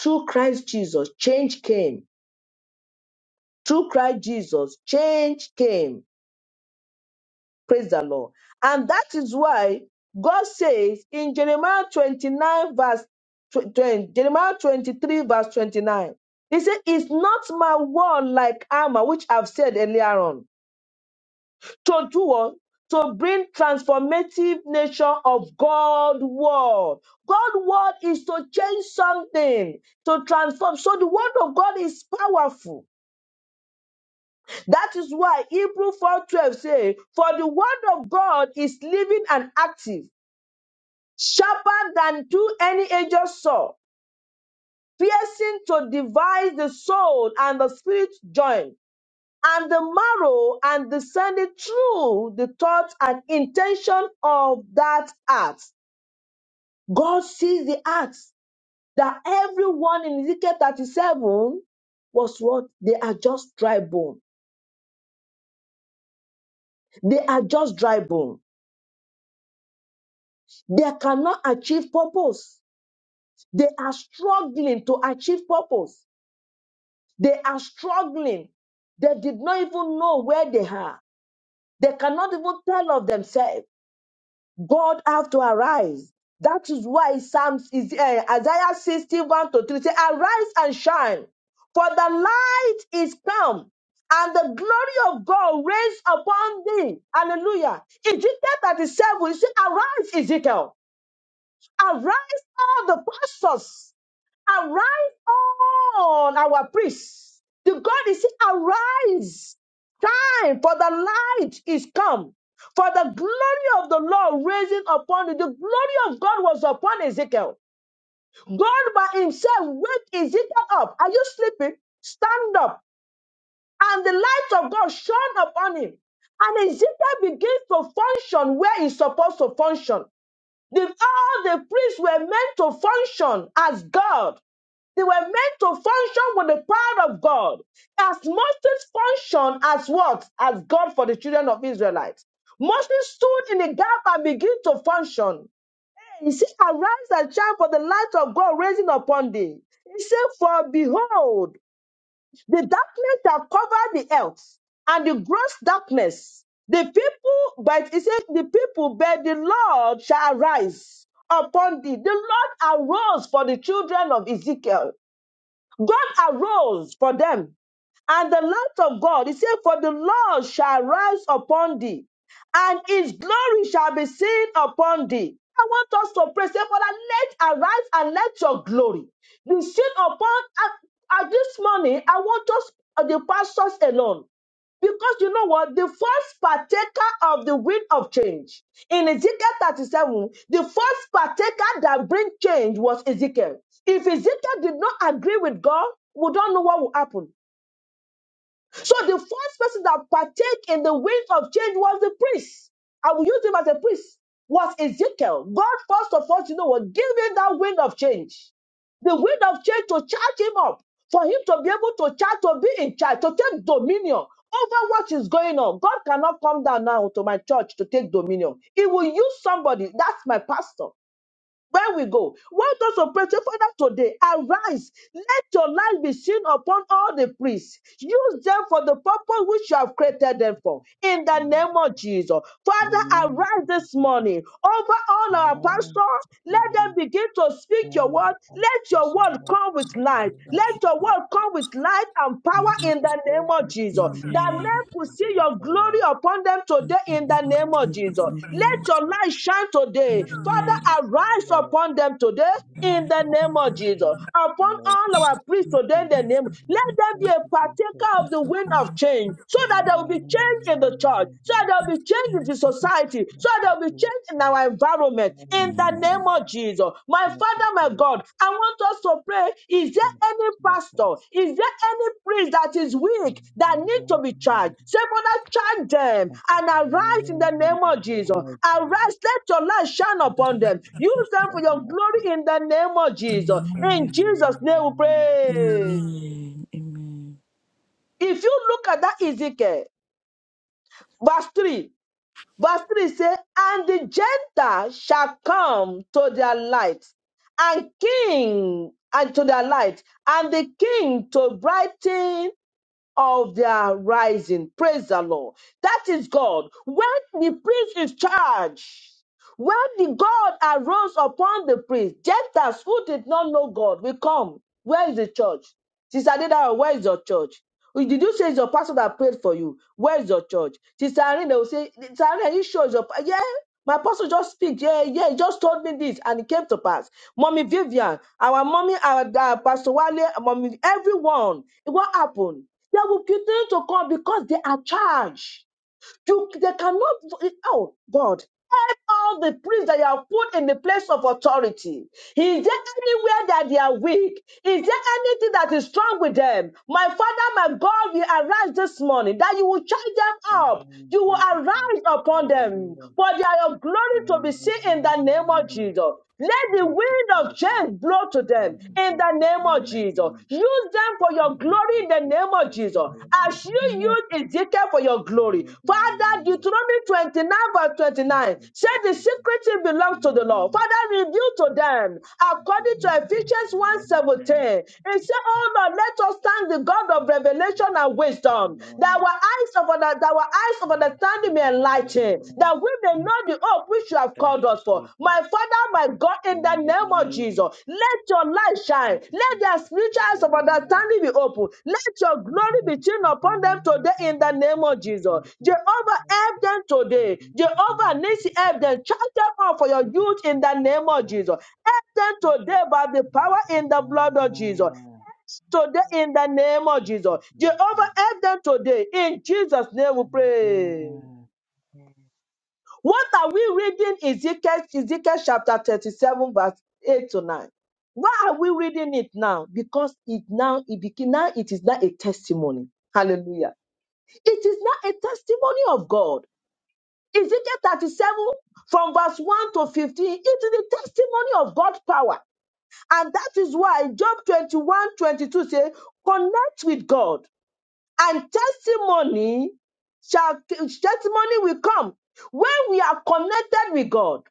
A: Through Christ Jesus, change came. Through Christ Jesus, change came. Praise the Lord. And that is why God says in Jeremiah 29, verse 20, Jeremiah 23, verse 29, He said, It's not my word like armor, which I've said earlier on to do what? To bring transformative nature of God word. God word is to change something, to transform. So the word of God is powerful. That is why Hebrew 4:12 say, "For the word of God is living and active, sharper than two any edged sword, piercing to divide the soul and the spirit joint." and the marrow and descended through the thought and intention of that act. God sees the acts that everyone in Ezekiel 37 was what? They are just dry bone. They are just dry bone. They cannot achieve purpose. They are struggling to achieve purpose. They are struggling. They did not even know where they are. They cannot even tell of themselves. God have to arise. That is why Psalms is uh, Isaiah 61 to 3 say, Arise and shine, for the light is come, and the glory of God reigns upon thee. Hallelujah. Ezekiel 37, you see, arise, Ezekiel. Arise all the pastors. Arise on our priests. The God is saying, arise. Time for the light is come. For the glory of the Lord raising upon you. The glory of God was upon Ezekiel. God by himself wake Ezekiel up. Are you sleeping? Stand up. And the light of God shone upon him. And Ezekiel begins to function where he's supposed to function. The, all the priests were meant to function as God. They were meant to function with the power of God. As Moses functioned as what? As God for the children of Israelites. Moses stood in the gap and began to function. He said, Arise and shine for the light of God rising upon thee. He said, For behold, the darkness shall cover the earth, and the gross darkness. The people, but he said, the people, but the Lord shall arise upon thee. The Lord arose for the children of Ezekiel. God arose for them and the light of God. He said, For the Lord shall rise upon thee, and his glory shall be seen upon thee. I want us to pray, say, Father, let arise and let your glory be seen upon at, at this morning. I want us, uh, the pastors alone. Because you know what? The first partaker of the wind of change in Ezekiel 37, the first partaker that bring change was Ezekiel. If Ezekiel did not agree with God, we don't know what will happen. So the first person that partake in the wind of change was the priest. I will use him as a priest. Was Ezekiel. God first of all, you know what? Give him that wind of change. The wind of change to charge him up. For him to be able to charge, to be in charge, to take dominion over what is going on. God cannot come down now to my church to take dominion. He will use somebody. That's my pastor where we go. Want us to pray, say, Father, today, arise. Let your light be seen upon all the priests. Use them for the purpose which you have created them for. In the name of Jesus. Father,
D: Amen. Amen.
A: arise
D: Thank you,
A: this
D: Jesus. Amen. Amen.
A: morning over all our
D: Amen.
A: pastors. Let them begin to speak your word.
D: Amen. Thank
A: Let
D: you
A: your
D: so
A: word
D: much.
A: come with life.
D: Lord, Lord,
A: Let
B: Jesus.
A: your word come with light and power
D: Thank you
A: in the
D: for the
A: the name
D: grace
A: of
D: and the
A: Jesus.
D: spirit of
A: That men
D: your
A: could see your glory upon them today in
D: Lord.
A: the name
D: Amen.
A: of Jesus.
D: Thank you,
A: Let
B: Amen.
A: your
D: Jesus.
A: light shine
D: My
A: today.
B: Amen.
A: Father,
D: remembrance, O
A: arise
D: Lord,
A: upon them today
D: the
A: in
D: remnant
B: Amen.
A: the
D: of
A: name
D: John
A: of Jesus.
D: Calvin,
A: Upon
D: Lord,
A: all our priests today in
D: Thank
A: the
D: you,
A: name, let them be
D: thank
A: a
D: you, Jesus.
A: partaker of the wind of change so
D: Thank
A: that there
D: you,
A: will be change in the church, so that
D: Jesus.
A: there will be change in the society, so
D: Thank
A: that there will be
D: you,
A: change in our
D: Jesus.
A: environment in the name
D: Amen.
A: of Jesus. My
D: Amen.
A: Father, my God, I want us to pray. Is there any pastor? Is there any priest that is weak that need to be charged? Say, Father, charge them
D: Thank you,
A: and
D: Jesus.
A: arise in the name of Jesus.
D: Hallelujah.
A: Arise, let your light shine upon them. Use
B: Thank you,
A: them for your glory in the name of Jesus. In Jesus'
D: Amen.
A: name we
B: Lord
A: pray.
B: Jesus. Amen. Amen.
A: If you look at that Ezekiel, verse 3, Verse 3 says, And the Gentile shall come to their light, and king and to their light, and the king to brighten of their rising. Praise the Lord. That is God. When the priest is charged, when the God arose upon the priest, Gentiles who did not know God will come. Where is the church? Sister Adedara, where is your church? Oh, Did you say it's your pastor that prayed for you? Where is your church? Sister Irene, they will say, Sister Irene, are you sure it's your pa-" Yeah, my pastor just speak. Yeah, yeah, he just told me this and it came to pass. Mommy Vivian, our mommy, our uh, Pastor Wale, mommy, everyone, what happened? They will continue to come because they are charged. You, they cannot, oh God, help all the priests that you have put in the place of authority. Is there anywhere that they are weak? Is there anything that is strong with them? My Father, my God, you arise this morning that you will charge them up. You will arise upon them for their glory to be seen in the name of Jesus. Let the
D: Thank you,
A: wind of
D: Jesus.
A: change blow to them
D: Thank you,
A: in the
D: Jesus.
A: name of Jesus.
D: Amen.
A: Use them for your
D: Thank
A: glory
D: you,
A: in the name of
D: Jesus.
A: Jesus. As
D: Hallelujah.
A: you use Ezekiel for your glory.
D: Amen.
A: Father, Deuteronomy 29, verse 29
D: Thank you,
A: said the
D: Jesus.
A: secret thing belongs to the Lord.
D: Amen.
A: Father, reveal to them
D: Thank you,
A: according to
D: Jesus.
A: Ephesians
D: Amen. Thank you, Jesus. Amen.
A: one
D: Amen.
A: seventeen, 17. It said, Oh Lord, let us thank the God of
D: Thank you,
A: revelation
D: Jesus.
A: and wisdom that our
D: Amen.
A: eyes of under- that our eyes of understanding may enlighten, that we may know the hope which you have
D: Thank
A: called
D: you,
A: us for. My
D: Jesus.
A: Father, my God, in the
D: Hallelujah.
A: name of
D: Amen.
A: Jesus, let your light shine.
D: Thank
A: Let their
D: you, Jesus.
A: spiritual
D: Amen.
A: eyes of understanding be open. Let your glory be seen
D: Thank
A: upon them today in the name of
D: you,
A: Jesus. Jehovah, help them today. Jehovah, Nisi, help them. Charge them up for your youth in the name of Jesus. Help them today by the power in
D: Jesus.
A: the blood of Jesus
D: Amen.
A: today in the name of
D: Thank
A: Jesus.
D: you, Lord.
A: Jehovah,
D: Thank
A: help them today. In Jesus' name we
D: you,
A: pray.
D: Amen.
A: What are we reading? Ezekiel, Ezekiel chapter 37, verse 8 to 9. Why are we reading it now? Because it now it became now it is now a testimony. Hallelujah. It is now a testimony of God. Ezekiel 37 from verse 1 to 15, it is a testimony of God's power. And that is why Job twenty-one, twenty-two 22 says, connect with God and testimony shall testimony will come when we are connected with God.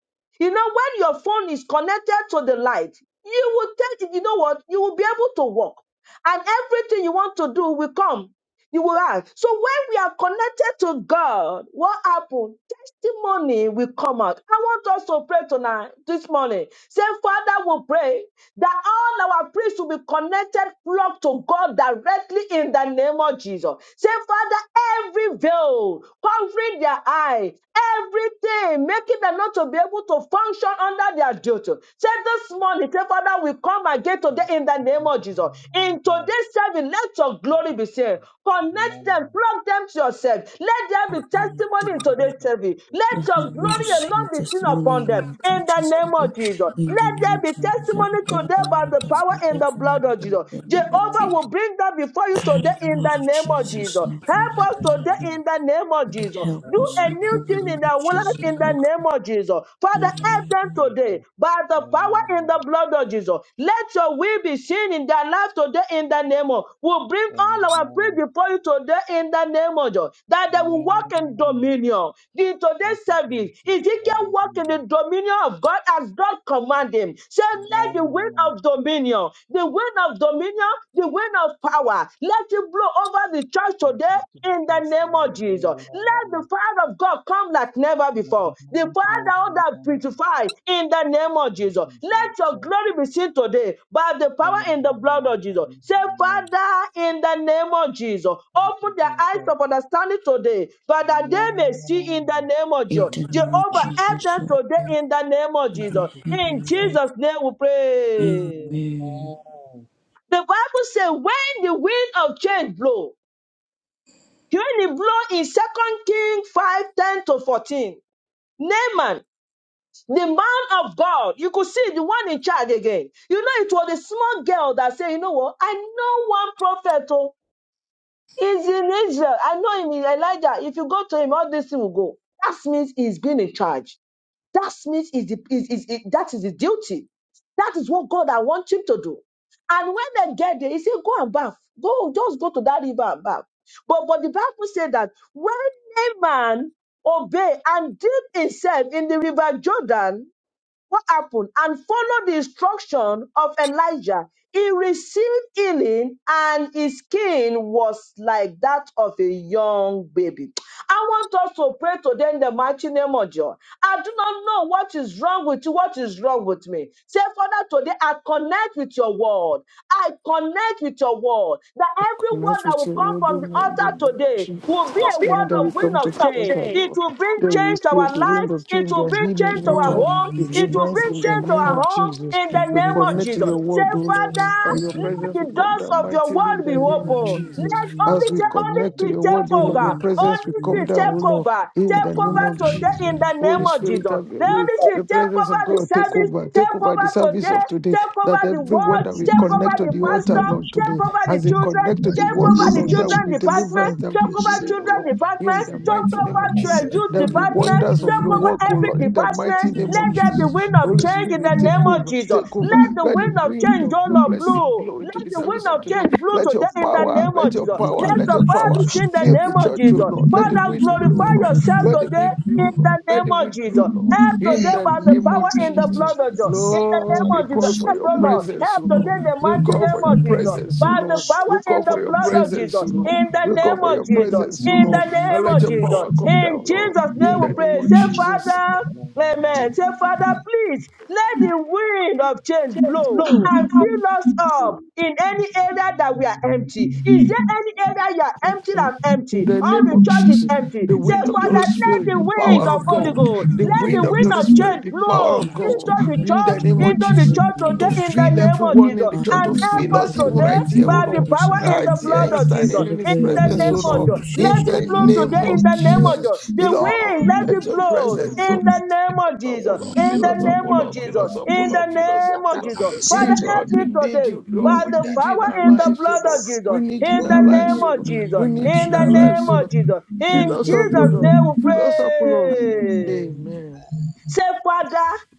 A: You know, when your phone is connected to the light, you will take you know what you will be able to walk, and everything you want to do will come. You will have. So when we are connected to God, what happened? Testimony will come out. I want us to pray tonight, this morning. Say, Father, we pray that all our priests will be connected, plugged to God directly in the name of Jesus. Say, Father, every veil covering their eye, everything making them not to be able to function under their duty. Say, this morning, say, Father, we come again today in the name of Jesus. In today's service, let your glory be seen. Connect
D: Amen.
A: them,
D: Amen.
A: plug them to yourself. Let them there
D: Thank
A: be
D: you,
A: testimony
D: Jesus.
A: in
B: Amen.
A: today's
D: That's what
A: service.
D: the
A: Let
B: Let me
A: your glory
D: testimony
B: witness
D: of
B: your
A: alone be seen
B: testimony
A: upon
B: in
A: them
D: the
B: our
A: in the
B: churches
D: Lord
A: name
B: today.
A: of Jesus.
B: In
D: is.
B: the
A: Let
B: name
D: Amen.
B: of
A: there be
B: Jesus,
D: Amen.
A: testimony
B: everybody
A: today by
B: that will
A: the
D: Thank you,
A: power in
D: Jesus.
B: participate
A: the
B: in our
A: blood of
B: church,
A: Jesus.
B: in the
D: Amen.
B: name of
D: Amen.
A: Jehovah
D: Amen.
B: Jesus.
A: will bring that before you today
B: Carry the
A: in
B: blood
A: the
B: of
A: name
D: Thank
A: of
D: you,
B: Jesus,
A: Jesus.
D: Jesus.
B: Lord God, I
A: Help us
B: pray
A: today
B: that
A: in the name of
B: you would
A: Jesus.
B: help
A: Do
B: us,
A: a
B: Lord
D: Hallelujah.
B: God, in
A: new
B: the
A: thing
B: name
A: in
B: of
A: their life in
B: Jesus,
A: the
B: Lord
A: name
B: God.
A: of Jesus.
B: In
A: Father, help them today by the power in the blood of Jesus. Let your will be seen in their life today in the name of. We'll bring all our praise before you today in the name of Jesus. That they will walk in dominion. In today's service, Ezekiel walked in the dominion of God as God commanded him. so let the wind
D: Amen.
A: of dominion, the wind of dominion, the wind of power, let it blow over the church
D: Thank you,
A: today in the
D: Jesus.
A: name of Jesus.
D: Hallelujah.
A: Let the fire of God come like never before. The fire that would have
D: Amen.
A: purified in the name of
D: Thank
A: Jesus.
D: you,
A: Let
D: Jesus.
A: your glory be seen today by the power
D: Amen.
A: in the blood of Jesus. Say,
D: Amen.
A: Father, in the name of Jesus,
D: Thank
A: open
D: you,
A: the eyes
D: Jesus.
A: of understanding today, but that
D: Amen.
A: they may see in the
D: Amen. Thank
A: name of Jesus.
D: you,
B: the name of
A: Jehovah, help
B: Jesus,
A: them
B: Lord God,
A: today in the name of
B: we
A: Jesus.
B: help
A: In
D: Jesus.
B: everyone.
A: Jesus' name we pray.
D: Amen.
B: Amen.
A: The Bible says, when the wind of change blow." During the blow in Second King 5 10 to 14, Naaman, the man of God, you could see the one in charge again. You know, it was a small girl that said, You know what? I know one prophet oh, is in Israel. I know him Elijah. If you go to him, all this thing will go. That means he's been in charge. That Smith is, the, is, is, is- that is his duty. That is what God I want him to do. And when they get there, he said, Go and bath. Go, just go to that river and bath. But but the Bible said that when a man obey and dip himself in the river Jordan, what happened and follow the instruction of Elijah. He received healing and his skin was like that of a young baby. I want us to pray today in the mighty name of God. I do not know what is wrong with you, what is wrong with me. Say, Father, today I connect with your word. I connect with your word. That every word
E: Connect
A: that
E: with
A: will
E: your
A: come
E: word, O
A: from the
E: Lord, in the
A: altar
E: name of
A: today
E: Jesus.
A: will be a
E: Father,
A: word
E: that we
A: of wind
E: come to
A: of
E: help our
A: change. It
E: Lord.
A: will bring
E: They will
A: change to
E: feel
A: our
E: the
A: life.
E: wind of
A: It
E: change
A: will
E: and
A: bring change
E: healing,
A: to
E: O
B: In
A: our
B: the
E: Lord,
B: name
A: home.
B: of
A: It will
E: deliverance
A: bring
E: in
B: Jesus,
E: the
A: change
B: Lord
A: to
E: name
B: God,
A: our
E: of
A: home
E: Jesus.
A: in the
B: that
E: We
B: Lord
A: name of
E: connect to
A: Jesus.
E: your
A: Say,
E: word, O
D: Thank
B: God,
D: you,
E: Lord.
A: Father,
E: That your
B: Jesus,
A: let
E: presence will
A: the
E: come
A: doors
E: down
A: of your
E: mightily in
A: word be
E: the
D: Lord.
E: name
D: Lord,
E: of
A: open.
B: Lord
A: Let
E: Jesus.
B: God,
D: may
E: As
A: only
D: there
E: we
A: say,
D: be
A: only
E: connect to
A: Spirit
D: change
E: your
D: in
A: take
E: word, O
B: Let
E: Lord, your
A: over.
D: Jesus'
B: it
D: name.
E: presence will
A: Only
E: come
A: Spirit
E: down, O
A: take
E: Lord,
A: over.
E: in
D: Thank
E: the
A: Take
D: you,
E: name
A: over
E: of
A: today
E: Jesus.
A: in
D: Jesus.
A: the name
E: Holy
A: of
E: Spirit,
A: Jesus.
E: have your
A: Let
E: way.
A: only Spirit
E: The
A: take
E: presence
A: over
E: of
A: the
E: God, take
A: service.
E: over. Take
A: Take
E: over the
A: over
E: service
A: today
E: of today.
A: Take over
E: That
A: the
E: everyone
A: world.
E: that we
A: Take over
E: connect to
A: the
E: the altar,
A: pastor.
E: Lord,
A: Take
E: today,
A: over the
E: as
F: In
E: they
F: the
A: children.
E: connect to the
A: Take
E: word, O
A: over the
F: name
E: Lord,
F: of
E: there will
A: children
E: be
F: Jesus,
A: department.
E: deliverance, there will
A: Take
F: the
E: be
A: over
E: healing, O
A: children
F: shelter
E: Lord
F: of the
E: in
A: department.
D: Amen.
E: the
F: sun
D: Amen.
A: Take
F: and
E: mighty
F: the
E: name
A: over
E: of
F: mighty and
D: Amen.
A: the
E: Jesus.
A: youth
E: There'll
F: the
E: be
A: department.
E: wonders of
A: Take
E: your
A: over
D: Thank
E: work, O
A: every
E: Lord, in the
A: department.
E: mighty name
A: Let
E: of
A: there be
E: Jesus.
A: wind of
E: Holy
A: change in the
E: Spirit, take
A: name
F: morning
A: of
E: over,
F: to
A: Jesus.
E: take over.
F: deliver
A: Let the
E: Let the
A: wind of
E: wind
A: change,
E: of
A: oh
E: your
A: Lord,
E: blessing
A: blow.
E: blow into
A: Let
E: the
A: the wind
E: service of
A: of
E: today.
A: change blow
E: Let your
A: today in the
E: power,
A: name of
E: let your
A: Jesus.
E: power,
F: the
A: Let
E: let
A: the
E: your
F: man
A: power be
E: power
F: who should
A: seen in the
E: fill the
A: name of
E: church, O
A: Jesus.
E: Lord. Let the
A: Father,
E: wind blow,
A: glorify
E: Lord.
A: yourself
E: Let the
A: today
E: wind
A: in
E: blow, Lord.
A: the
E: Let
A: name
E: the
A: of
E: wind blow,
A: Jesus.
E: Lord.
A: Help
E: In
A: today
F: Thank
E: the
A: by the
E: name
A: power
E: of
A: in the
F: you,
E: Jesus.
A: blood of Jesus.
F: Jesus.
A: In the name
E: Lord,
F: Satan,
E: we
A: of Jesus.
F: you
E: call
F: should
E: for
A: Help,
F: not
E: your
A: oh
F: be.
A: Lord.
F: paid.
E: presence, O
A: Help today
E: Lord.
A: in the
E: We
F: Thank
A: mighty
F: you,
E: call for
A: name
E: your
A: of
F: Father.
A: Jesus.
F: Thank
E: presence, O
F: you,
A: By the
E: Lord.
F: Ancient
A: power
E: We
F: of
A: in
E: call
A: the
E: for your
F: Days.
A: blood of
E: presence,
A: Jesus.
E: O
F: Thank
E: Lord.
F: you,
A: In the
E: We
F: Lord
E: call
A: name
E: for
F: God
A: of
E: your
F: Almighty.
A: Jesus.
E: presence, O
A: In the
E: Lord. And
A: name
E: let
A: of
E: your
A: Jesus.
E: power come
A: In
E: down, Lord.
A: Jesus'
F: Let
A: name
E: In
A: we
E: the
F: the
E: name
A: pray.
E: of
A: Say,
F: wind of change
E: Jesus.
A: Father, Amen. Say, Father, please let the will wind of change
E: Say,
A: blow
E: Lord.
A: and fill us
F: Take
A: up in any area that we are empty. Is there any
F: over.
A: area you are empty and
E: In
A: empty?
E: the
A: All
F: Lord,
E: name
A: the
E: of
A: church is
F: let your
E: Jesus,
A: empty.
E: the
A: Say,
E: wind of the
A: Father,
F: name
E: Holy
A: let
E: Spirit,
A: the
E: the
A: wind
E: power
A: of
E: of
A: Holy
E: God,
A: Ghost,
E: the
A: let the
E: wind of the
A: wind
E: Holy
A: of
E: Spirit,
A: change
E: the power
A: blow
E: of God,
A: into the
F: of
E: in the
A: church,
E: name of
A: into the
E: Jesus,
A: church
E: to
A: today in the
E: feel
A: name of
E: everyone in
A: Jesus.
E: the church,
A: And
E: to feel
A: help us
E: us even
A: today
E: right here, oh
A: by the
E: Lord,
A: power in
E: right
A: the
E: here in
A: blood of Jesus.
F: Jesus,
A: Jesus.
E: standing in His
A: In
B: pray a
F: Lord,
A: the name
E: presence,
B: wheel
E: oh
B: of
A: of
E: Lord,
A: Jesus.
B: rubber
A: Let
B: church
E: in
A: it
E: the
B: and come
A: blow today
E: name
B: in
A: in
E: of
A: the name of Jesus.
F: us.
E: Jesus,
A: The
E: Lord,
A: wind, let
E: let
A: it
E: your
A: blow
E: presence,
A: in
E: oh
A: the name of
E: Lord, oh
A: Jesus.
E: Lord,
A: In
E: fill
A: the
E: us up,
F: Lord,
E: oh
A: name of
E: Lord,
F: upon
E: fill
A: Jesus.
E: us
F: your
E: up, oh
A: In the
E: Lord,
D: you.
E: fill us
A: name
E: up, oh
A: of
E: Lord.
A: Jesus.
F: Lakatabo
A: Father,
E: Hey,
A: help
F: scripted
E: Lord,
A: me
E: we need
A: today
E: you,
F: in
E: Lord.
A: by
E: We
A: the
F: the
E: need you in
F: name
E: our
A: power in
F: of
A: the
E: lives, oh
A: blood
E: Lord.
A: of
F: Jesus.
E: We
A: Jesus.
E: need you
A: In
E: in our
A: the
E: lives,
A: name
F: Glory,
E: oh
A: of
E: Lord.
B: the
A: Jesus.
E: We
B: name of
E: need you
A: In
E: in
A: the
E: our
B: Jesus.
E: lives,
A: name
E: so
A: of Jesus.
E: Fill
A: In
E: us
B: Amen.
E: up, O
A: Jesus'
E: Lord.
F: glory.
A: name we
E: Fill us up, O Lord.
A: pray.
E: Amen.
A: Say, Father,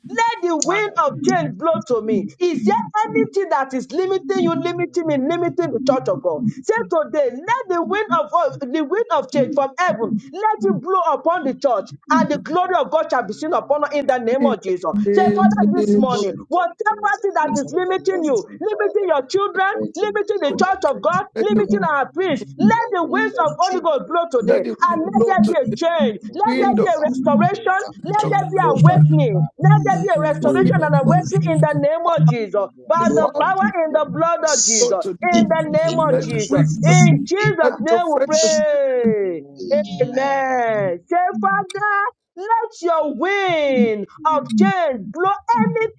A: let the
C: Father,
A: wind of change blow to me. Is there anything that is limiting you, limiting me, limiting the church of God? Say today, let the wind of the wind of change from heaven, let it blow upon the church, and the glory of God shall be seen upon us in the name
E: In
A: of Jesus. Say,
F: Father,
E: the
A: Father,
F: thank
A: this
F: you,
E: name of
A: morning,
F: ancient of
A: whatever
F: days
A: thing
F: and
A: that is
F: most
A: limiting you,
F: everlasting Father.
A: limiting your children,
F: Thank you, my
A: limiting the
E: Jesus,
F: Lord, and
A: church of
F: thank
A: God,
F: you,
E: Let
F: my
E: the,
A: limiting
F: God.
A: our priests,
F: And
A: let
F: your
A: the
F: wind
A: winds
F: of
A: of Holy
F: change
A: Ghost
F: will
A: blow
E: let
A: today,
F: blow
E: the
A: and
E: wind
A: let
E: blow
A: there
F: over
E: to
A: be a
E: the
F: me,
A: change, let
F: blow
A: there
E: wind of
A: be a
F: over me,
A: restoration,
F: blow over my
B: In
A: Let
B: the
E: the
A: there
F: life,
A: be
B: name
F: blow
B: of
F: over
B: Jesus,
A: awakening.
F: my
A: Let
F: family.
A: there
B: I
A: be a
B: believe in
E: wind,
F: Wind
A: restoration
B: the
A: and
F: of
B: name of
A: awakening in
F: God,
A: the
B: Jesus,
A: name of Jesus.
E: the
A: By
F: Lord,
A: the
E: power
F: help
A: power in the blood of
F: us
E: blow
A: Jesus.
E: to the
A: In
F: in
B: in
A: the
F: the
B: the
A: name
F: name
A: of
B: name
E: Let
F: of
E: the
B: of
A: Jesus.
E: wind blow,
F: Jesus.
A: In
E: let
A: Jesus'
E: the
A: name we
E: fresh us
F: Lepakadosh.
A: pray.
F: Amen.
D: Amen.
A: Amen. Say, Father, let your wind of change blow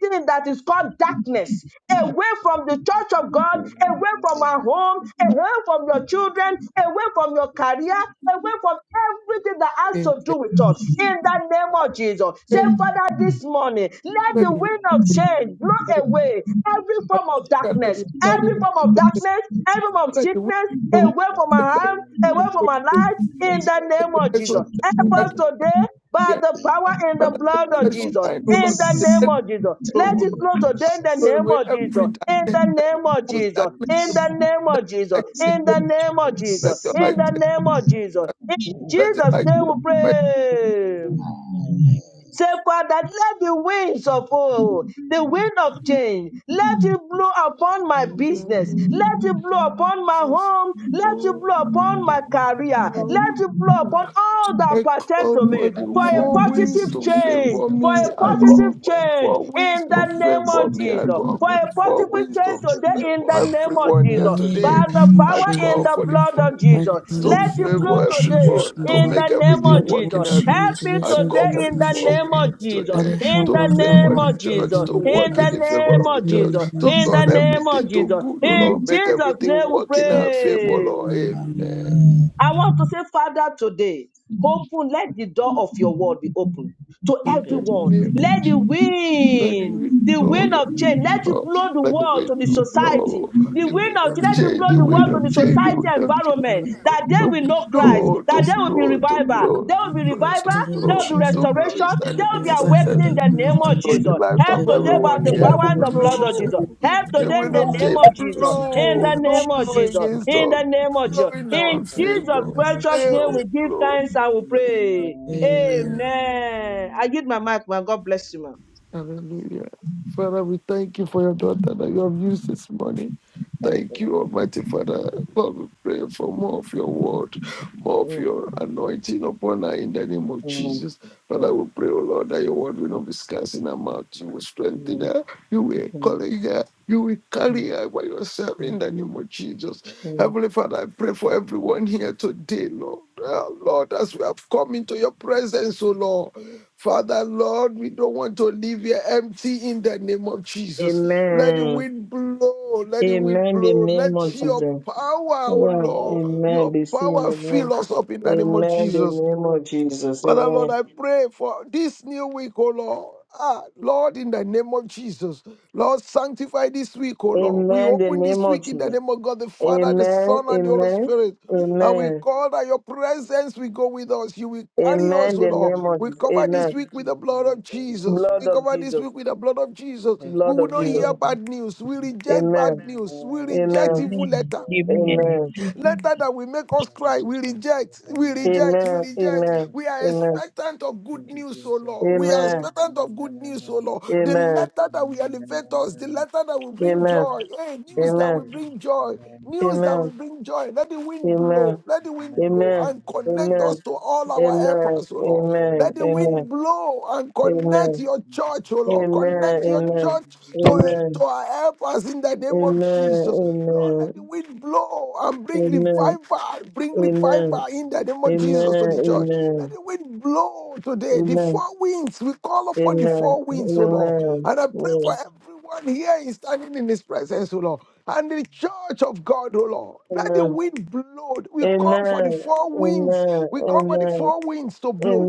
A: anything that is called darkness away from the church of God, away from our home, away from your children, away from your career, away from everything that has
E: in
A: to do
E: the
A: with us. In the name Lord Jesus. Say,
E: day.
A: Father, this morning, let
E: Let
A: the
E: the wind
A: wind of
E: blow,
A: change blow
E: let the
A: away every form of
E: let
A: darkness,
E: the let
A: every form of
E: the
A: darkness, every form of
E: let the wind
A: sickness,
E: blow,
A: away from my
E: let that
A: hand, away
E: wind
A: from
E: blow,
A: my life,
F: Let
A: in the
F: your
E: let
A: name
F: wind
E: the
F: of
A: of
E: light so
A: Jesus.
F: change
A: Help
F: blow
E: shine, that
A: us
E: can
A: today
F: in
A: by
E: be
A: the
F: the
A: power in the
E: Father, let
A: blood
E: the
A: of
F: name
E: light
F: of
A: Jesus.
E: shine, O
A: In
E: Lord,
A: the
E: today.
F: Jesus.
E: Let
A: name
E: it
A: of Jesus.
F: Thank
A: Let
E: blow,
A: it
F: you,
A: blow today in the
E: blow
F: gracious Father.
A: name
E: away
A: of
E: every
A: Jesus.
F: May
A: In
E: darkness,
A: the name of
E: most
A: Jesus.
E: darkness.
A: In the name of
F: the
A: Jesus.
E: light shine
F: gospel
A: In
F: of
E: forth.
A: the
F: the
A: name of
F: Holy
A: Jesus.
E: Let your light
A: In
C: go,
A: the
E: shine.
A: name of
F: Ghost.
A: Jesus. In
C: go,
E: Let your
A: Jesus'
E: light
A: name we
C: go,
E: shine.
A: pray.
F: Amen.
A: Say, Father, let the winds of oh, the wind of change, let it blow upon my
E: In the
A: business,
E: name
A: let it blow upon
E: of
A: my
E: Jesus,
A: home, let it
E: oh,
A: blow upon
E: the
A: my career,
E: window.
A: let it blow upon all
E: I
A: that pertain
E: call
A: to
E: for
A: me
E: the
A: for a
E: four
F: This is the
E: winds
A: positive
E: to
A: change,
E: favor
F: and
A: for
E: me.
A: a
E: I call
A: positive
F: everlasting
E: for the
F: God and
A: change
F: all
E: four
F: of them
E: winds
A: in
E: to
A: the
F: that make
A: name
F: this
E: favor
A: of
F: world
E: me.
F: of
E: I
A: Jesus,
F: evil,
E: call
A: for
E: for the
A: a
F: that
E: four
F: your
A: positive
E: winds
F: hand
A: change
F: of
E: to
F: change
E: favor
A: today in
F: over me,
A: the
F: Lord,
A: name of
E: everyone
F: and
E: here
A: Jesus
F: my
B: Amen. In
E: today.
A: by
B: the
A: the
F: family,
B: name of
E: I
D: Amen.
A: power in
E: call
B: Jesus,
A: the
E: for
B: and
E: the
A: blood
E: four
A: of
F: may
B: by
A: Jesus.
B: the
F: they
E: winds
F: do
B: power in
E: to
F: so
A: Let
B: the
F: for
A: it
D: Amen.
B: blood
F: joy.
A: blow
B: of
F: We
E: favor
F: forget
A: today
B: Jesus,
E: everyone,
F: it,
B: and
E: to
F: we
A: in
B: God,
E: make
A: the
F: forget
A: name
F: it,
B: let
E: everything
A: of
B: the
E: work
A: Jesus.
B: world
E: in
F: we
E: our
B: see you
D: Thank
E: good.
A: Help
B: into
D: you,
A: me
B: the
E: I
A: today
E: call
B: section
F: forget
D: Jesus.
E: for the
A: in
B: from
A: the
F: it, we
E: four
B: Jesus.
A: name of
E: winds
A: Jesus.
B: Let it
E: today
A: In
B: help
E: to
A: the
B: us,
F: forget
B: Lord
A: name
E: favor
F: it.
E: the
A: of
B: God, in the
E: church,
A: Jesus.
E: to
B: name of
F: May
A: In
E: work
B: Jesus.
E: in
A: the
F: this
E: the favor
A: name
F: spirit
E: of
F: of
E: the
A: of
D: Hallelujah.
F: the
E: church,
A: Jesus.
E: to
B: Amen.
F: Alanis
A: In the
E: turn
F: Katami,
A: name of
E: everything to
A: Jesus.
E: good, O
F: Lord,
A: In
E: Lord.
F: may
E: Make
F: your
A: Jesus'
F: hand
E: everything
A: name
F: of
A: we
E: work in
F: change.
E: our favor,
A: pray.
E: Lord.
D: Amen.
E: Amen.
F: Amen.
B: Amen.
D: Amen.
A: I want to say, Father, today, open, let the door of your word be open to
E: in the
A: everyone.
E: name of
A: Let the
E: Jesus. Let the
D: Amen.
A: wind,
E: wind
A: the
E: blow
A: wind
E: your
A: of
E: word,
A: change,
E: O
A: let it
E: Lord.
A: blow the
E: Let the
D: And
A: world to the
E: wind
D: open
E: no
D: the heart to
A: society.
E: blow,
D: open
A: The
D: to
B: Amen.
E: the
B: Let
A: wind
B: the
E: wind
A: of
B: Lord
E: of
A: change, let
D: everyone.
B: go.
A: it
E: change,
A: blow
E: the
A: the
E: wind
A: world to
E: of
A: the
E: change, the
A: society
E: wind of change.
B: Let
D: Thank
B: the
D: you,
A: environment
B: Lord
D: Jesus.
A: that they
E: To
D: Amen.
A: will
D: Amen. Amen.
A: know Christ,
E: blow, to
A: that there will be
E: blow, to
A: revival,
B: go.
E: blow,
A: there
E: to
A: will be
E: blow,
B: Christ,
E: to
A: revival,
B: In the name of
A: there
E: blow,
D: And
A: will be
B: Jesus.
E: to
D: open your
E: blow
D: heart
A: restoration,
E: is
D: to
B: The
E: that
A: there
E: in
A: will
E: His
A: be
B: river
D: amazing
E: presence.
A: awakening in
B: Father
A: the
D: heaven.
B: rose
A: name
E: Blow
B: to
A: of
E: to the
D: Thank
A: Jesus.
D: you,
E: lives
A: Help
B: the
E: of
A: today
D: Jesus.
C: go.
B: river
A: by
E: everyone
A: the
C: Let that
E: here.
A: power
C: go
D: Amen.
A: and the
B: kingdom of
A: blood of
C: restoration.
B: Jesus.
D: Thank
E: Blow,
A: Jesus.
D: you,
A: Help
E: the
A: today
D: Jesus.
A: in
E: wind
B: Therefore
A: the
B: now
E: of
A: name
B: help
A: of
E: change.
B: us
D: Amen.
A: Jesus.
B: those in the
A: In the
B: name
E: Blow,
B: of
D: Amen.
A: name
E: don't
A: of
E: blow
B: Jesus.
A: Jesus.
B: O
E: against
B: God,
A: In
E: us.
D: Amen.
A: the name of
B: help
E: Blow
D: Amen.
A: Jesus.
B: us
E: in
B: to
E: our
A: In
D: Thank
B: confess
D: you,
A: Jesus'
B: in
E: favor.
B: the
F: Yes,
B: name
D: Jesus.
B: of
A: precious
F: Lord,
A: name,
B: Jesus.
E: Blow,
A: we give
E: blow.
A: thanks and we pray.
E: Amen.
B: Amen.
A: Amen. I
D: Amen.
A: give my mic, man. God bless you, man.
E: Hallelujah. Father, we thank you for your daughter that you have used this morning.
A: Thank you.
E: Thank
A: Lord.
E: you, Almighty Father. Lord, we pray for more of your word, more of
A: Mm,
E: your anointing upon her in the name of
A: mm,
E: Jesus. Father, we
A: mm,
E: pray, O Lord, that your word will not be scarce in her mouth. You will strengthen
A: mm,
E: her. You will
A: mm,
E: encourage her. You will
A: mm, mm.
E: carry her by yourself in the name of Jesus.
A: mm.
E: Heavenly Father, I pray for everyone here today, Lord. Ah, Lord, as we have come into your presence, O Lord. Father, Lord, we don't want to leave here empty in the name of Jesus. Let the
A: Amen.
E: wind blow, let the wind
A: Amen. The
E: blow.
A: name
E: Let
A: of
E: your
A: Jesus.
E: power, oh
A: Wow.
E: Lord,
A: Amen.
E: your
A: The same
E: power
A: the name.
E: fill us up in the name of
A: Amen. The
E: Jesus.
A: name of Jesus.
E: Father, Lord,
A: Amen.
E: I pray for this new week, oh Lord. Ah, Lord, in the name of Jesus, Lord, sanctify this week, oh Lord. We
A: Amen. The
E: open
A: name
E: this
A: of
E: week in the
A: Jesus.
E: name of God, the Father, the
A: Amen.
E: Son, and the Holy
A: Amen.
E: Spirit. And we
A: Amen.
E: call that your presence will go with us. You will carry us,
A: Amen.
E: oh
A: The
E: Lord.
A: name of
E: We
D: Amen.
A: Jesus.
E: cover this
D: Thank
A: Amen.
D: you,
E: week with the
D: Jesus.
E: blood of Jesus.
A: Blood
E: We
D: Amen.
A: of
E: cover this
A: Jesus.
E: week with the blood of Jesus.
D: Thank you,
E: We
A: Blood
E: will
A: of
D: Jesus.
E: not
D: Amen.
A: Jesus.
E: hear
C: Go.
E: bad news. We reject
A: Amen.
E: bad news. We reject
A: Amen.
D: Thank
E: evil
D: you,
C: Amen.
E: letter.
C: Amen.
D: Lord.
C: Amen.
A: Amen.
C: Amen.
E: Letter that will make us
D: Thank you,
E: cry. We
D: Jesus.
E: reject, we
D: Amen.
E: reject, we
A: Amen.
E: reject.
A: Amen.
E: We are
A: Amen.
E: expectant of good
D: Thank you, Jesus. Amen. Amen. Thank you,
E: news, O
D: Jesus.
E: Lord. We are
A: Amen.
D: Amen.
E: expectant of good
D: Amen.
E: news, O
D: Amen.
E: Lord. The letter that will elevate us, the letter that will
A: Amen.
E: bring
A: Amen.
E: joy. Hey,
D: Thank
E: news
D: you,
E: that will
D: Jesus.
E: bring joy.
D: Amen.
E: News that will
A: Amen.
E: bring joy. Let the wind
A: Amen.
E: blow. Let the
D: Amen.
E: wind blow and connect
D: Amen.
E: us
A: Amen.
E: to all our
A: Amen.
E: helpers, O Lord.
D: Amen.
A: Amen.
E: Let the
D: Amen.
A: Amen.
E: wind
A: Amen.
E: blow and connect your church, oh Lord. Connect your
A: Amen.
E: church to, to
A: Amen.
E: our help us in the
A: Amen.
E: name
A: Amen.
E: of Jesus. Lord, let the wind blow and bring revival. Bring
A: Amen. Amen. Amen.
E: revival in the name
A: Amen.
E: of
A: Amen.
E: Jesus to the church. Let the wind blow today. The four winds, we call
A: Amen. Amen.
E: upon the four winds, oh Lord.
A: Amen.
E: And I pray for everyone here is standing in his presence, oh Lord. And the church of God, oh Lord. Let the wind blow. We
A: Amen.
E: come for
A: Amen.
E: the
A: Amen.
E: four winds. We come for the four winds to
A: Amen. Amen. Amen.
E: blow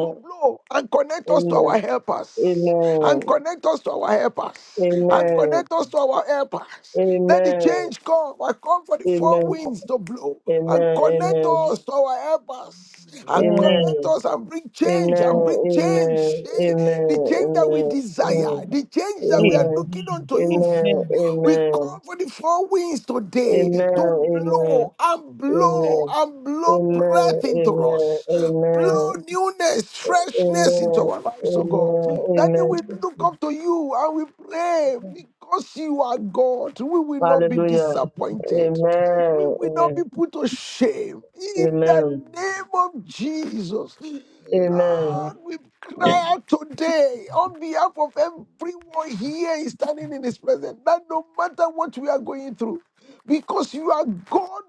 E: to blow and connect us to
A: Amen.
E: our helpers. And
A: Amen.
E: connect us to our helpers. And
A: Amen.
E: connect us to our helpers. Let the
A: Amen.
E: change come. I come for the four
A: Amen.
E: winds to blow. And
A: Amen.
E: connect us to our helpers. And connect
A: Amen.
E: us and bring
A: Amen.
E: change. And
C: Amen.
E: bring change.
A: Amen. Amen.
E: Eh, The change that we
A: Amen.
E: desire.
A: Amen.
E: The change that we are
A: Mm.
E: looking unto you for.
A: Amen.
C: Amen.
E: we. Call
A: Amen.
E: for the four winds today to
A: Amen.
E: blow and blow
A: Amen.
E: and blow breath
A: Amen.
E: into us.
A: Amen.
E: Blow
A: Amen. Amen. Amen.
E: newness, freshness into
A: Amen.
E: our lives, oh God.
A: Amen.
E: That day
A: Amen.
E: we look up to you and we pray because you are God. We will not be
A: Hallelujah.
E: disappointed. We will not be
A: Amen.
E: put to shame. In the
A: Amen.
E: name of Jesus.
F: may
A: Amen.
E: Lord, we cry out today on behalf of everyone here is standing in His presence that no matter what we are going through, because you are God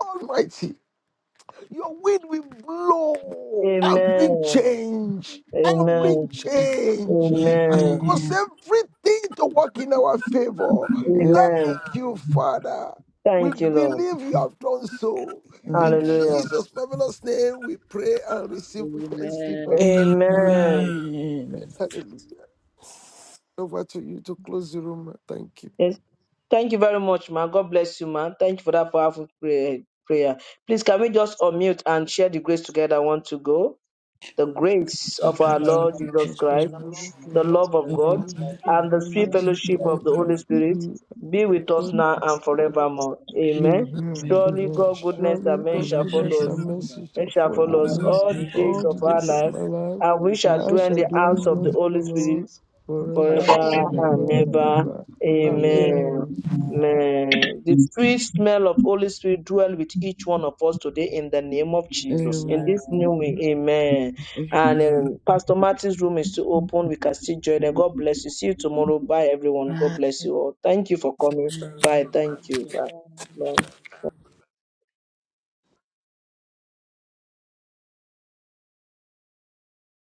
E: Almighty, your wind will
A: Amen.
E: blow and bring
A: Amen.
E: change and
A: Amen.
E: bring
D: Amen.
E: change
D: Amen.
E: and
A: Amen.
E: cause
B: Amen.
E: everything to work in our favor.
B: Amen.
A: Amen.
E: Thank you, Father. We
A: Thank you, Lord.
E: believe you have done so.
B: Oh,
E: In
B: yes.
D: Amen.
A: Hallelujah.
E: Jesus' marvelous name, we pray and receive with thanksgiving.
D: Amen.
E: Amen.
A: Amen.
E: Amen.
B: Amen.
E: Hallelujah. Over to you to close the room. Thank you.
A: Yes. Thank you very much, ma. God bless you, ma. Thank you for that powerful pray- prayer. Please, can we just unmute and share the grace together? I want to go. The grace
B: So
A: of
D: Think
B: the
A: our
E: Jesus
D: about
B: name
A: Lord
E: Christ.
B: of
A: Jesus
B: Jesus.
E: The
A: Christ.
E: love of
D: love,
A: the
E: God
A: love
D: the
A: of
B: O
D: love of
A: God,
B: God.
E: and the love
D: God
B: Amen.
A: and the
E: of
A: sweet
D: and the
E: Jesus
A: fellowship of the
E: Christ
D: faithfulness of
A: Holy
B: Amen.
D: His
A: Spirit
E: be
D: presence.
A: be with us now
D: Jesus,
A: and
D: we must
A: forevermore.
D: have a God.
A: Amen.
E: Amen.
D: Amen.
B: Amen.
A: Surely
E: Amen.
A: God's
D: Father, we
A: goodness and
E: Surely
A: mercy
E: God's
A: shall
D: for your
E: goodness
A: follow
D: mercy,
A: us,
B: Amen.
E: and
D: for God.
E: mercy shall
A: and shall
E: follow
D: I
A: follow us
D: want to
E: me
B: Oh,
D: know
A: all the
D: that you
B: Jesus.
A: days
E: all
D: are
E: the
A: of
D: God.
A: our
E: days of
A: life,
E: my life,
A: and
D: I
A: we
D: wish I
E: and
A: shall
D: could
E: I
F: your
D: have
A: dwell in
E: shall
A: the
E: dwell
F: hand
A: house
E: in the
A: of
F: of
A: the
E: house of the
A: Holy
F: change.
A: Spirit
E: Lord forever
D: forever and
A: forever
E: and
C: Amen.
D: ever.
A: and
E: ever and
A: ever.
E: ever.
D: Amen.
A: Amen.
E: Amen.
A: Amen. The free smell of Holy Spirit dwell with each one of us today in the name of Jesus. In
B: Amen.
A: this new
D: Amen.
A: way, amen. And um, Pastor Martin's room is still open. We can still join. And God bless you. See you tomorrow. Bye, everyone.
B: Amen.
A: God bless you all. Thank you for coming. Bye.
D: Thank
A: Thank you.
D: you,
A: Bye.
D: God.
A: Bye.